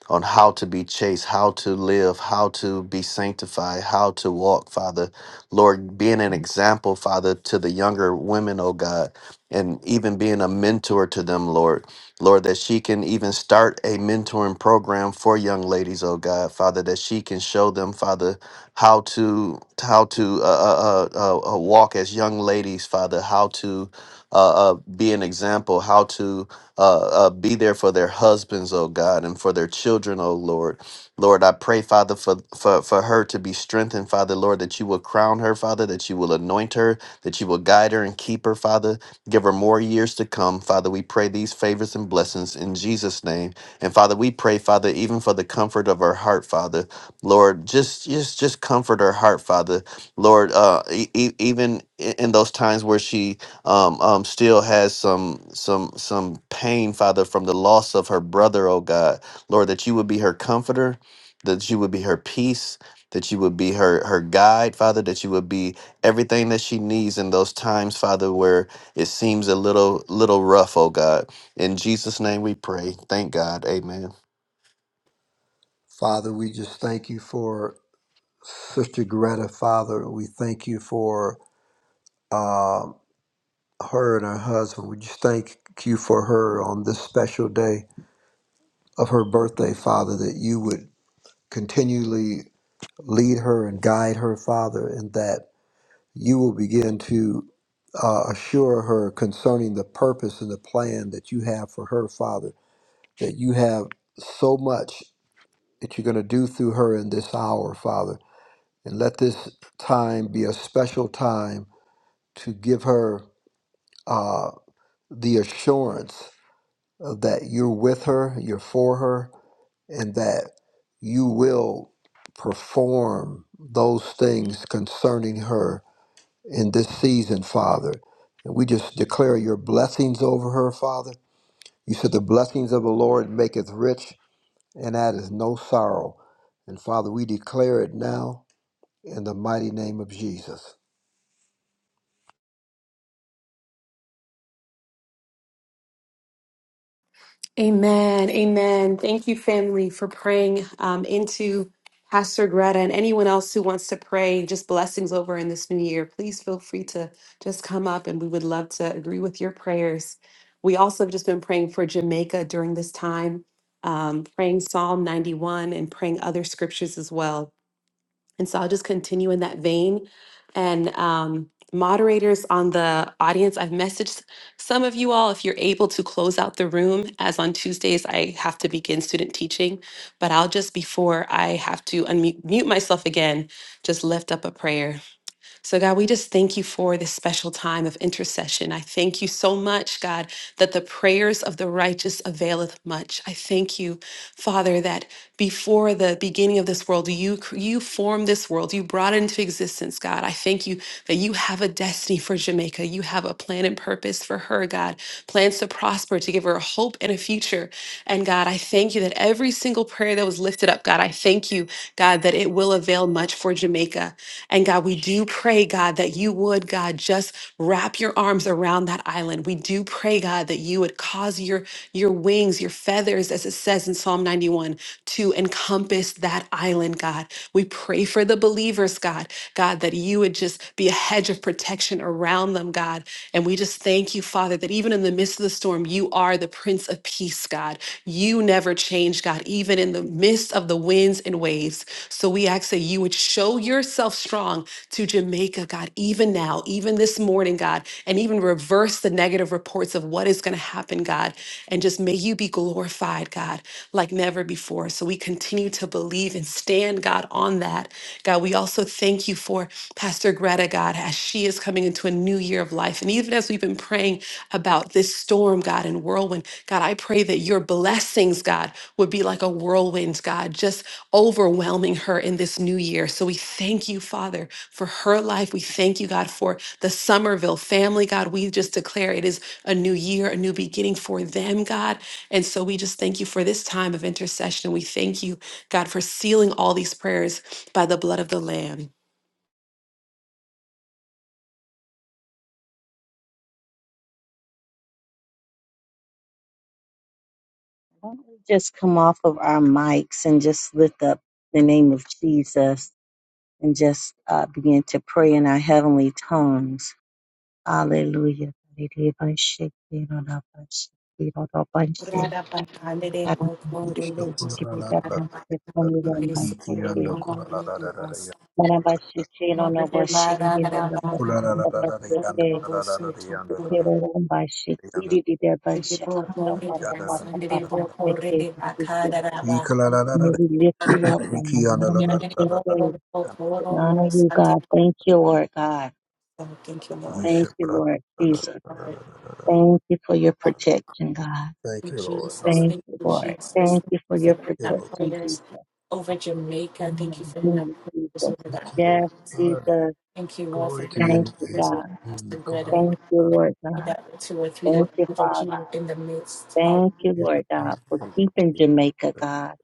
F: on how to be chaste, how to live, how to be sanctified, how to walk, Father. Lord, being an example, Father, to the younger women, oh God, and even being a mentor to them, Lord. Lord, that she can even start a mentoring program for young ladies, oh God, Father, that she can show them, Father, how to how to uh, uh, uh, uh, uh, walk as young ladies, Father, how to uh, uh, be an example, how to uh, uh, be there for their husbands, oh God, and for their children, oh Lord. Lord, I pray, Father, for, for, for her to be strengthened, Father, Lord, that you will crown her, Father, that you will anoint her, that you will guide her and keep her, Father. Give her more years to come, Father. We pray these favors and blessings in Jesus' name. And Father, we pray, Father, even for the comfort of her heart, Father. Lord, just just just comfort her heart, Father. Lord, uh, e- e- even i- in those times where she um, um, still has some some some pain, Father, from the loss of her brother. Oh God, Lord, that you would be her comforter, that you would be her peace, that you would be her her guide, Father, that you would be everything that she needs in those times, Father, where it seems a little little rough. Oh God, in Jesus' name we pray. Thank God. Amen.
E: Father, we just thank you for Sister Greta, Father. We thank you for uh, her and her husband. We just thank you for her on this special day of her birthday, Father, that you would continually lead her and guide her, Father, and that you will begin to uh, assure her concerning the purpose and the plan that you have for her, Father, that you have so much that you're going to do through her in this hour, Father. And let this time be a special time to give her uh, the assurance of that you're with her, you're for her, and that you will perform those things concerning her in this season, Father. And we just declare your blessings over her, Father. You said the blessings of the Lord maketh rich, and that is no sorrow. And Father, we declare it now in the mighty name of Jesus.
A: Amen. Amen. Thank you, family, for praying um, into Pastor Greta and anyone else who wants to pray just blessings over in this new year. Please feel free to just come up and we would love to agree with your prayers. We also have just been praying for Jamaica during this time, um, praying Psalm 91 and praying other scriptures as well. And so I'll just continue in that vein. And um, moderators on the audience, I've messaged some of you all if you're able to close out the room, as on Tuesdays, I have to begin student teaching. But I'll just, before I have to unmute mute myself again, just lift up a prayer. So, God, we just thank you for this special time of intercession. I thank you so much, God, that the prayers of the righteous availeth much. I thank you, Father, that before the beginning of this world, you, cr- you formed this world, you brought it into existence, God. I thank you that you have a destiny for Jamaica. You have a plan and purpose for her, God, plans to prosper, to give her hope and a future. And God, I thank you that every single prayer that was lifted up, God, I thank you, God, that it will avail much for Jamaica. And God, we do pray, God, that you would, God, just wrap your arms around that island. We do pray, God, that you would cause your your wings, your feathers, as it says in Psalm 91, to encompass that island, God. We pray for the believers, God, God, that you would just be a hedge of protection around them, God. And we just thank you, Father, that even in the midst of the storm, you are the Prince of Peace, God. You never change, God, even in the midst of the winds and waves. So we ask that you would show yourself strong to Jamaica, God, even now, even this morning, God, and even reverse the negative reports of what is going to happen, God. And just may you be glorified, God, like never before. So we continue to believe and stand, God, on that. God, we also thank you for Pastor Greta, God, as she is coming into a new year of life. And even as we've been praying about this storm, God, and whirlwind, God, I pray that your blessings, God, would be like a whirlwind, God, just overwhelming her in this new year. So we thank you, Father, for her life. We thank you, God, for the Somerville family, God. We just declare it is a new year, a new beginning for them, God. And so we just thank you for this time of intercession. We thank you, God, for sealing all these prayers by the blood of the Lamb.
D: Why don't we just come off of our mics and just lift up the name of jesus and just uh, begin to pray in our heavenly tongues hallelujah
G: Thank
D: May we lift you up from the bottom of your faith. We honor you, God. Thank you, Lord God.
G: you, Lord.
D: Thank you, Lord
G: Thank you,
D: Jesus.
G: Lord.
E: Ishabrakadadadadadadadada.
D: Thank you for your protection, God.
E: Thank
G: you,
E: you, Lord.
G: Jesus.
E: Hallelujah,
D: Thank
G: Thank
D: you,
G: you,
D: Lord.
G: Jesus.
D: Thank
G: Thank
D: you for
G: you
D: your
G: for hearing our
E: Lord.
D: protection,
G: prayers
D: Jesus.
G: over Jamaica. Thank you for hearing our
D: Hallelujah,
G: prayers
D: Jesus.
G: over the
E: Thank you, Lord.
D: Yes,
G: islands.
E: Hallelujah.
D: Jesus.
G: Thank you, Lord, for
E: Glory to
G: hearing our
E: your
D: Thank you,
G: prayers
E: name.
G: over
D: God.
G: Pastor
E: Mm.
G: Greta.
D: Thank you, Lord
G: Thank you
D: God.
G: That two or three that
D: Thank you,
G: you do
D: Father.
G: in the midst of
D: Thank you, Lord God, for keeping Jamaica, God.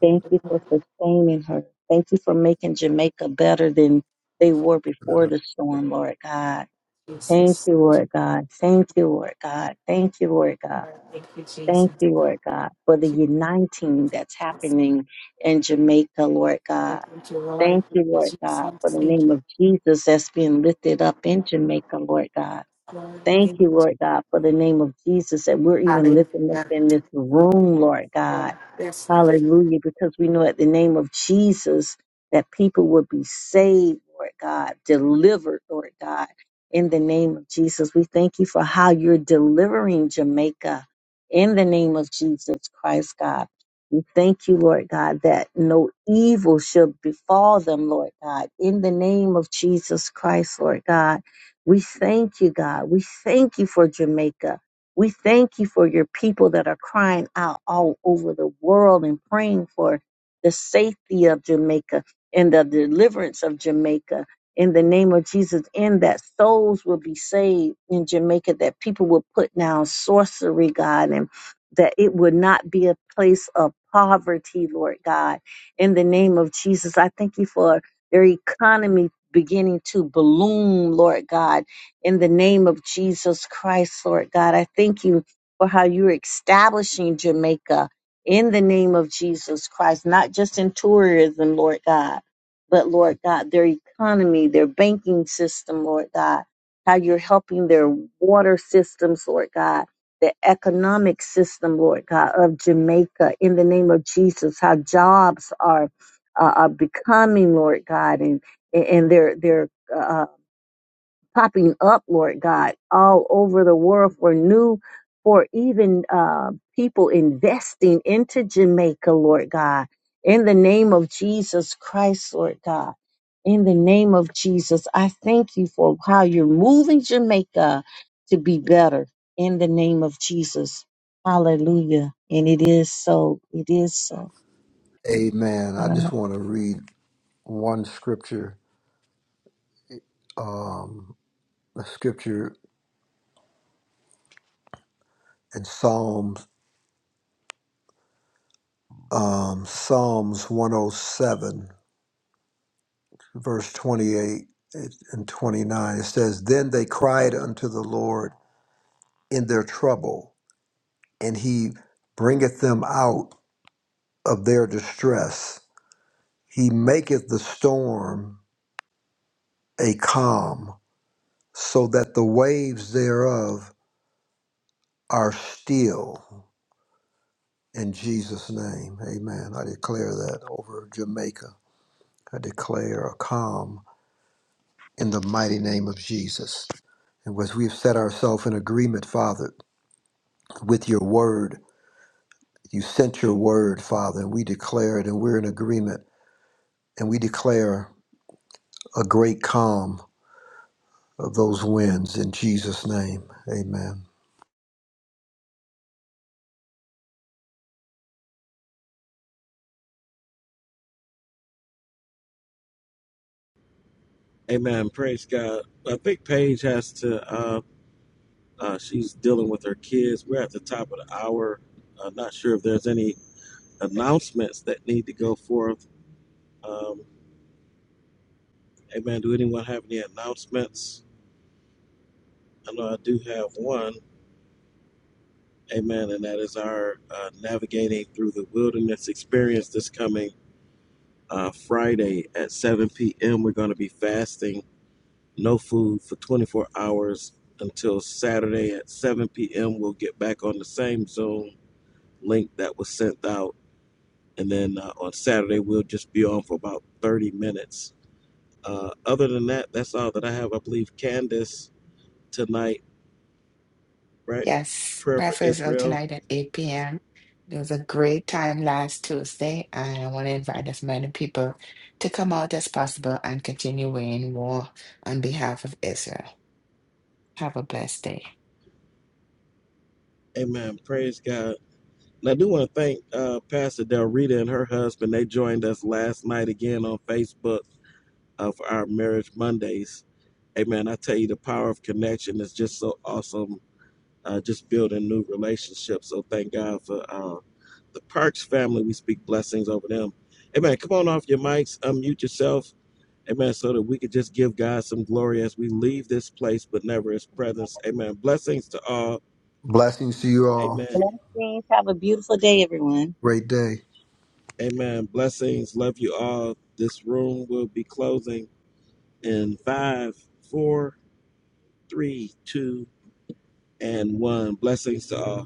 D: Thank you for sustaining her. Thank you for making Jamaica better than they were before the storm, Lord God. Thank
G: Jesus.
D: you, Lord God. Thank you, Lord God. Thank you, Lord God.
G: Lord, Thank you, Jesus.
D: Thank you, Lord God, for the
G: Thank you,
D: uniting that's
G: Jesus.
D: happening in Jamaica, Lord God.
G: Thank you, Lord.
D: Thank
G: Thank
D: you,
G: you,
D: Lord
G: Jesus.
D: God, for the
G: Thank you,
D: name of Jesus that's being lifted up in Jamaica, Lord God.
G: Lord.
D: Thank
G: Thank you.
D: you, Lord God, for the name of Jesus that we're even
G: Hallelujah.
D: lifting up in this room, Lord God.
G: Yes, Lord.
D: Hallelujah, because we know at the name of Jesus that people will be saved, Lord God, delivered, Lord God, in the name of Jesus. We thank you for how you're delivering Jamaica in the name of Jesus Christ, God. We thank you, Lord God, that no evil shall befall them, Lord God. In the name of Jesus Christ, Lord God, we thank you, God. We thank you for Jamaica. We thank you for your people that are crying out all over the world and praying for the safety of Jamaica and the deliverance of Jamaica in the name of Jesus, and that souls will be saved in Jamaica, that people will put down sorcery, God, and that it would not be a place of poverty, Lord God. In the name of Jesus, I thank you for their economy beginning to bloom, Lord God. In the name of Jesus Christ, Lord God, I thank you for how you're establishing Jamaica in the name of Jesus Christ, not just in tourism, Lord God, but Lord God, their economy, their banking system, Lord God, how you're helping their water systems, Lord God the economic system, Lord God, of Jamaica in the name of Jesus, how jobs are uh, are becoming, Lord God, and and they're they're uh, popping up, Lord God, all over the world for new, for even uh, people investing into Jamaica, Lord God, in the name of Jesus Christ, Lord God. In the name of Jesus, I thank you for how you're moving Jamaica to be better. In the name of Jesus. Hallelujah. And it is so. It is so,
E: Amen. I just
D: God.
E: want to read one scripture, um, a scripture in Psalms, um, Psalms 107, verse 28 and 29. It says, Then they cried unto the Lord in their trouble and he bringeth them out of their distress. He maketh the storm a calm, so that the waves thereof are still. In Jesus' name, amen. I declare that over Jamaica. I declare a calm in the mighty name of Jesus. And as we've set ourselves in agreement, Father, with your word, you sent your word, Father, and we declare it, and we're in agreement, and we declare a great calm of those wins in Jesus' name. Amen.
B: Amen. Praise God. I think Paige has to, uh, uh, she's dealing with her kids. We're at the top of the hour. Uh, not sure if there's any announcements that need to go forth. Um, amen. Do anyone have any announcements? I know I do have one. Amen. And that is our uh, navigating through the wilderness experience this coming uh, Friday at 7 p.m. We're going to be fasting, no food for 24 hours until Saturday at 7 p.m. We'll get back on the same Zoom link that was sent out. And then uh, on Saturday, we'll just be on for about 30 minutes. Uh, other than that, that's all that I have. I believe Candace tonight, right?
I: Yes,
B: Prayer for
I: breakfast is out
B: Israel.
I: tonight at 8 p.m. It was a great time last Tuesday, and I want to invite as many people to come out as possible and continue weighing war on behalf of Israel. Have a blessed day.
B: Amen. Praise God. And I do want to thank uh, Pastor Del Rita and her husband. They joined us last night again on Facebook uh, for our Marriage Mondays. Amen. I tell you, the power of connection is just so awesome, uh, just building new relationships. So thank God for uh, the Parks family. We speak blessings over them. Amen. Come on off your mics, unmute yourself. Amen. So that we could just give God some glory as we leave this place, but never his presence. Amen. Blessings to all.
E: Blessings to you all.
B: Amen.
D: Blessings. Have a beautiful day, everyone.
E: Great day.
B: Amen. Blessings. Love you all. This room will be closing in five, four, three, two, and one. Blessings to all.